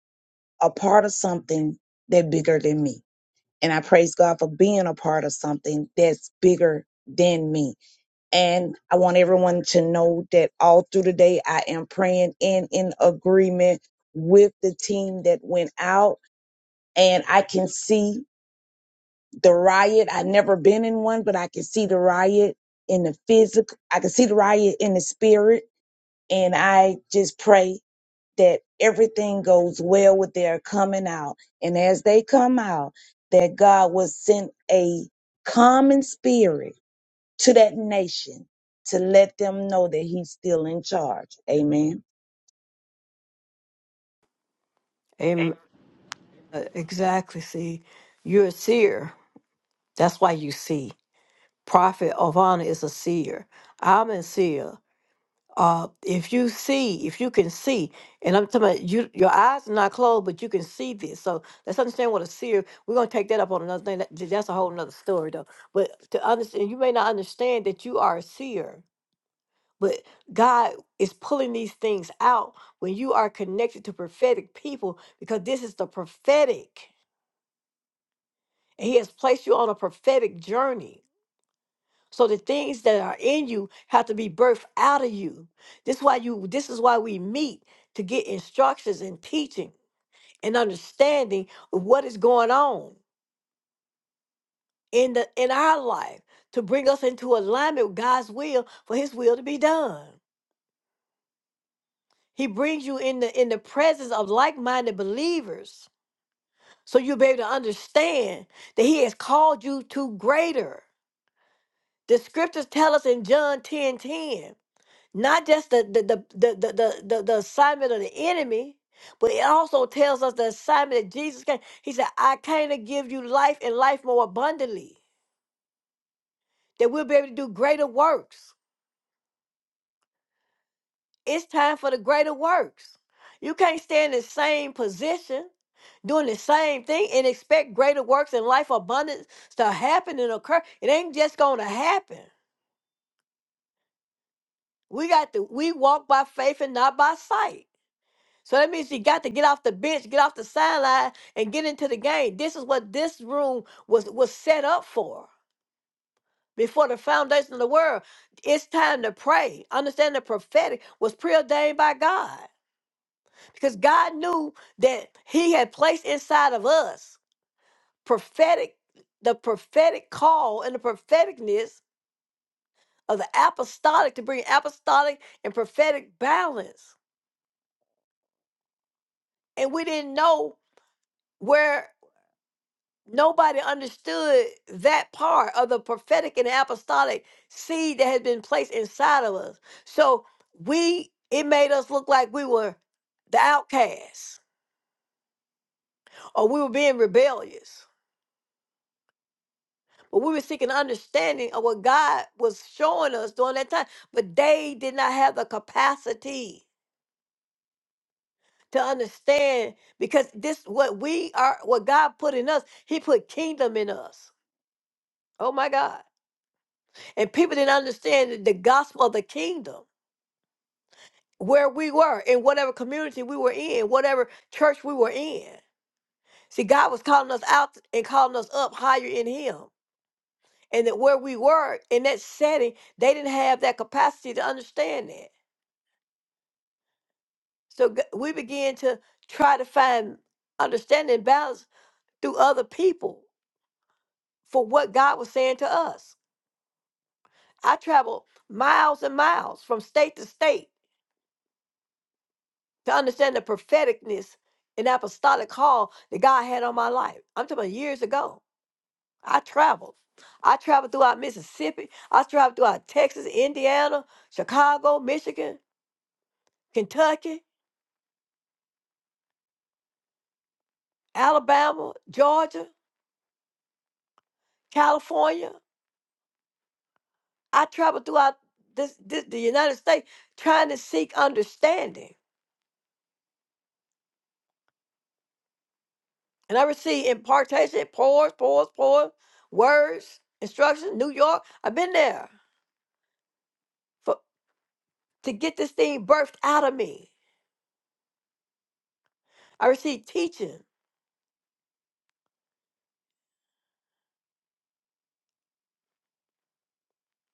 a part of something that's bigger than me. And I praise God for being a part of something that's bigger than me. And I want everyone to know that all through the day, I am praying and in agreement with the team that went out. And I can see the riot. I've never been in one, but I can see the riot in the physical. I can see the riot in the spirit. And I just pray that everything goes well with their coming out. And as they come out, that God will send a common spirit to that nation to let them know that he's still in charge. Amen. Amen. Uh, Exactly. See, you're a seer. That's why you see. Prophet of honor is a seer. I'm a seer. uh, if you see, if you can see, and I'm talking about you, your eyes are not closed, but you can see this. So let's understand what a seer. We're gonna take that up on another thing. That, that's a whole another story, though. But to understand, you may not understand that you are a seer, but God is pulling these things out when you are connected to prophetic people because this is the prophetic, and He has placed you on a prophetic journey So the things that are in you have to be birthed out of you. This why you this is why we meet to get instructions and teaching and understanding of what is going on in the in our life to bring us into alignment with God's will for his will to be done. He brings you in the in the presence of like-minded believers. So you'll be able to understand that he has called you to greater. The scriptures tell us in John 10:10. not just the the the the the, the, the, the assignment of the enemy but it also tells us the assignment that jesus came he said i came to give you life and life more abundantly that we'll be able to do greater works it's time for the greater works you can't stay in the same position doing the same thing and expect greater works and life abundance to happen and occur it ain't just gonna happen we got to we walk by faith and not by sight So that means she got to get off the bench, get off the sideline, and get into the game. This is what this room was was set up for. Before the foundation of the world, it's time to pray. Understand the prophetic was preordained by God because God knew that He had placed inside of us prophetic, the prophetic call and the propheticness of the apostolic to bring apostolic and prophetic balance. And we didn't know where nobody understood that part of the prophetic and apostolic seed that had been placed inside of us. So we it made us look like we were the outcasts or we were being rebellious. But we were seeking understanding of what God was showing us during that time. But they did not have the capacity to understand because this what we are what God put in us, He put kingdom in us. Oh my God. And people didn't understand the the gospel of the kingdom. where we were, in whatever community we were in, whatever church we were in. See, God was calling us out and calling us up higher in Him. And that where we were in that setting, they didn't have that capacity to understand that. So g- we began to try to find understanding and balance through other people for what God was saying to us. I traveled miles and miles from state to state to understand the propheticness and apostolic call that God had on my life. I'm talking about years ago I traveled. I traveled throughout Mississippi. I traveled throughout Texas, Indiana, Chicago, Michigan, Kentucky, Alabama, Georgia, California. I traveled throughout this, this the United States trying to seek understanding. And I received impartation, pores, pores, pores, words, instructions, New York. I've been there for to get this thing birthed out of me. I received teaching,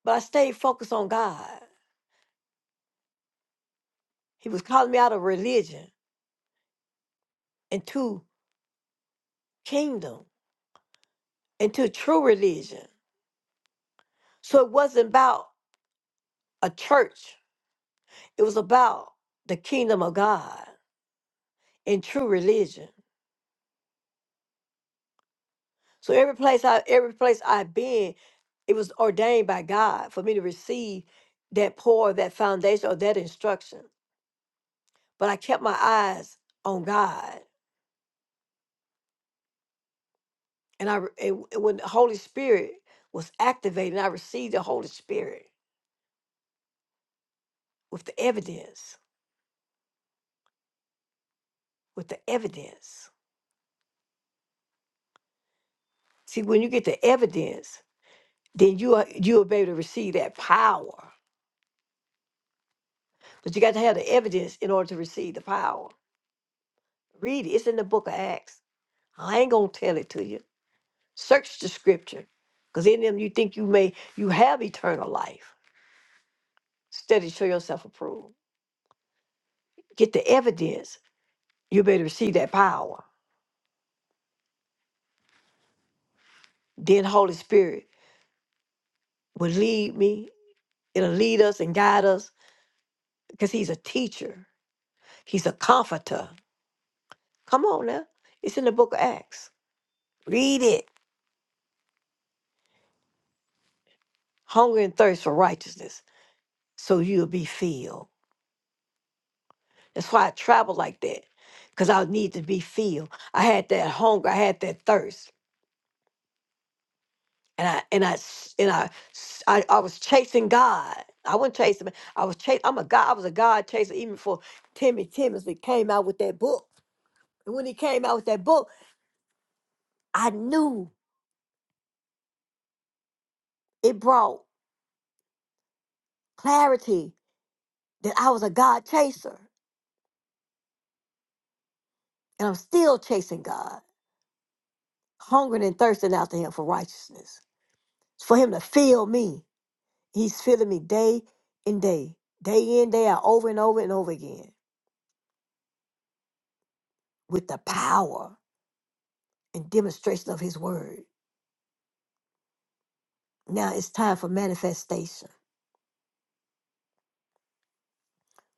but I stayed focused on God. He was calling me out of religion. into kingdom, into true religion. So it wasn't about a church. It was about the kingdom of God and true religion. So every place I every place I've been, it was ordained by God for me to receive that pour, that foundation, or that instruction. But I kept my eyes on God, and I re- and and when the Holy Spirit was activated, I received the Holy Spirit with the evidence, with the evidence. See, when you get the evidence, then you are you will be able to receive that power. But you got to have the evidence in order to receive the power. Read it. It's in the book of Acts. I ain't gonna tell it to you. Search the scripture. Because in them you think you may you have eternal life. Study, show yourself approved. Get the evidence. You'll be able to receive that power. Then Holy Spirit will lead me. It'll lead us and guide us. Because he's a teacher. He's a comforter. Come on now. It's in the book of Acts. Read it. Hunger and thirst for righteousness so you'll be filled. That's why I travel like that, because I need to be filled. I had that hunger, I had that thirst, and I and I s- and I s- I, I was chasing God. I wasn't chasing. man, I was chasing. I'm a God. I was a God chaser even before Timmy Timmons that came out with that book. And when he came out with that book, I knew it brought clarity that I was a God chaser, and I'm still chasing God, hungering and thirsting after Him for righteousness, for Him to fill me He's filling me day and day, day in, day out, over and over and over again with the power and demonstration of his word. Now it's time for manifestation.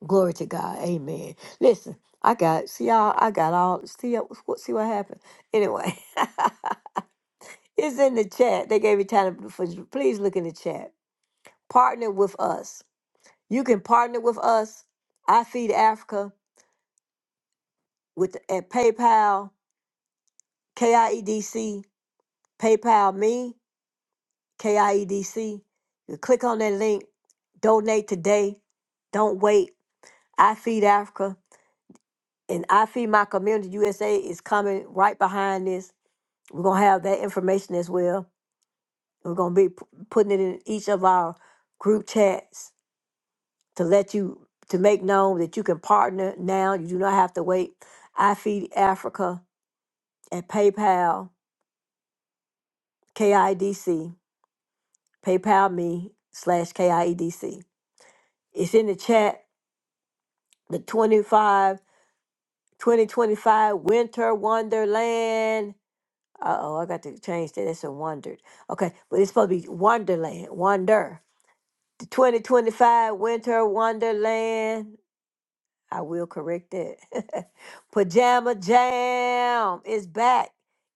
Glory to God. Amen. Listen, I got see y'all, I got all see uh, what see what happened. Anyway, it's in the chat. They gave me time for please look in the chat. Partner with us. You can partner with us. I feed Africa with at PayPal, KIEDC, PayPal me. KIEDC. You click on that link, donate today. Don't wait. I Feed Africa and I Feed My Community USA is coming right behind this. We're going to have that information as well. We're going to be p- putting it in each of our group chats to let you to make known that you can partner now. You do not have to wait. I Feed Africa at PayPal, KIDC, PayPal me slash KIEDC. It's in the chat, the 25 2025 Winter Wonderland. Uh oh, I got to change that. It's a wondered. Okay, but it's supposed to be Wonderland. Wonder. The 2025 Winter Wonderland. I will correct that. Pajama Jam is back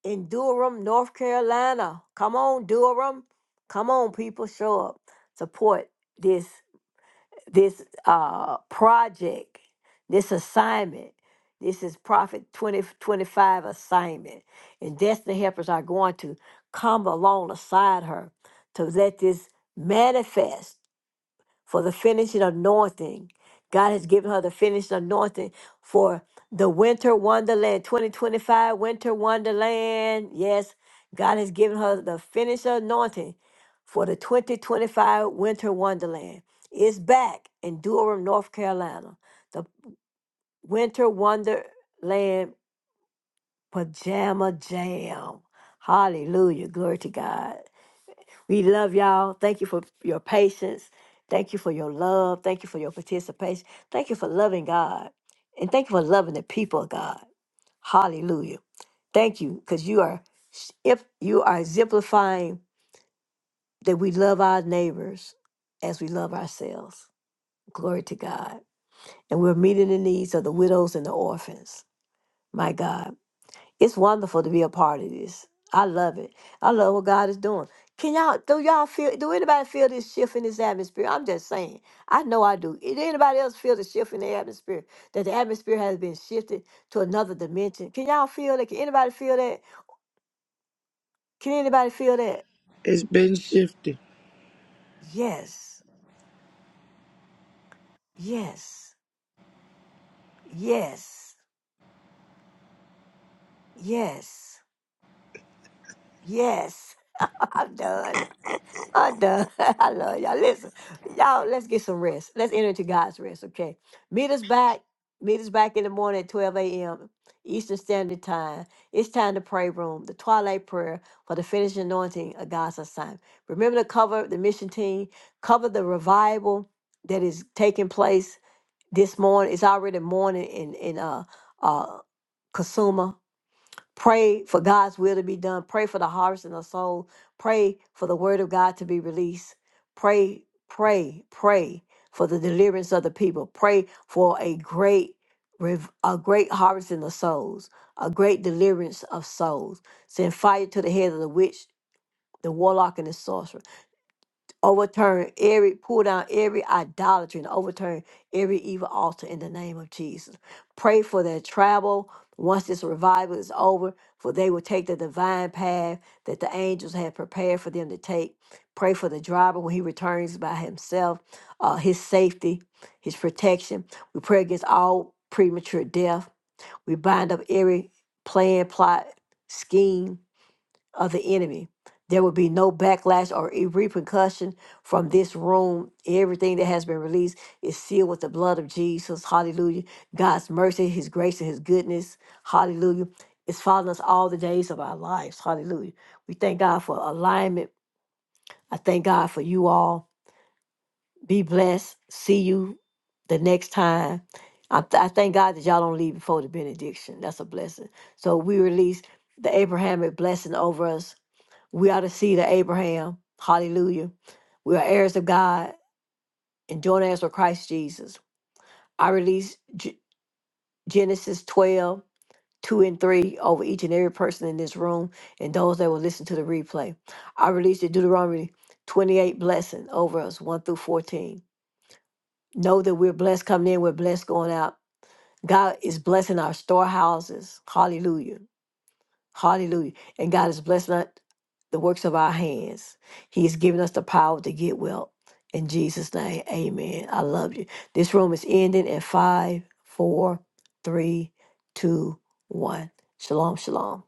in Durham, North Carolina. Come on, Durham. Come on, people, show up. Support this this uh project, this assignment. This is Prophet 2025 assignment. And destiny helpers are going to come along beside her to let this manifest for the finishing anointing. God has given her the finishing anointing for the winter wonderland 2025 winter wonderland. Yes, God has given her the finishing anointing for the 2025 winter wonderland. It's back in Durham, North Carolina. The winter wonderland pajama jam. Hallelujah. Glory to God. We love y'all. Thank you for your patience. Thank you for your love. Thank you for your participation. Thank you for loving God. And thank you for loving the people of God. Hallelujah. Thank you because you are if you are exemplifying that we love our neighbors as we love ourselves. Glory to God. And we're meeting the needs of the widows and the orphans. My God. It's wonderful to be a part of this. I love it. I love what God is doing. Can y'all do y'all feel do anybody feel this shift in this atmosphere? I'm just saying. I know I do. Did anybody else feel the shift in the atmosphere? That the atmosphere has been shifted to another dimension. Can y'all feel that? Can anybody feel that? Can anybody feel that? It's been shifted. Yes. Yes. Yes. Yes. Yes. I'm done. I'm done. I love y'all. Listen, y'all, let's get some rest. Let's enter into God's rest, okay? Meet us back. Meet us back in the morning at 12 a.m. Eastern Standard Time. It's time to pray room, the twilight prayer for the finished anointing of God's assignment. Remember to cover the mission team, cover the revival that is taking place this morning. It's already morning in, in uh, uh, Kasuma. Pray for God's will to be done. Pray for the harvest in the soul. Pray for the word of God to be released. Pray, pray, pray for the deliverance of the people. Pray for a great rev- a great harvest in the souls, a great deliverance of souls. Send fire to the head of the witch, the warlock, and the sorcerer overturn every pull down every idolatry and overturn every evil altar in the name of jesus pray for their travel once this revival is over for they will take the divine path that the angels have prepared for them to take pray for the driver when he returns by himself uh, his safety his protection we pray against all premature death we bind up every plan plot scheme of the enemy. There will be no backlash or e- repercussion from this room. Everything that has been released is sealed with the blood of Jesus. Hallelujah. God's mercy, His grace, and His goodness. Hallelujah. It's following us all the days of our lives. Hallelujah. We thank God for alignment. I thank God for you all. Be blessed. See you the next time. I, th- I thank God that y'all don't leave before the benediction. That's a blessing. So we release the Abrahamic blessing over us we are the seed of Abraham. Hallelujah. We are heirs of God and joint heirs with Christ Jesus. I release G- Genesis 12 2 and 3 over each and every person in this room and those that will listen to the replay. I release the Deuteronomy 28 blessing over us, 1 through 14. Know that we're blessed coming in, we're blessed going out. God is blessing our storehouses. Hallelujah. Hallelujah. And God has blessed us the works of our hands. He's given us the power to get wealth. In Jesus' name, amen. I love you. This room is ending in five, four, three, two, one. Shalom, shalom.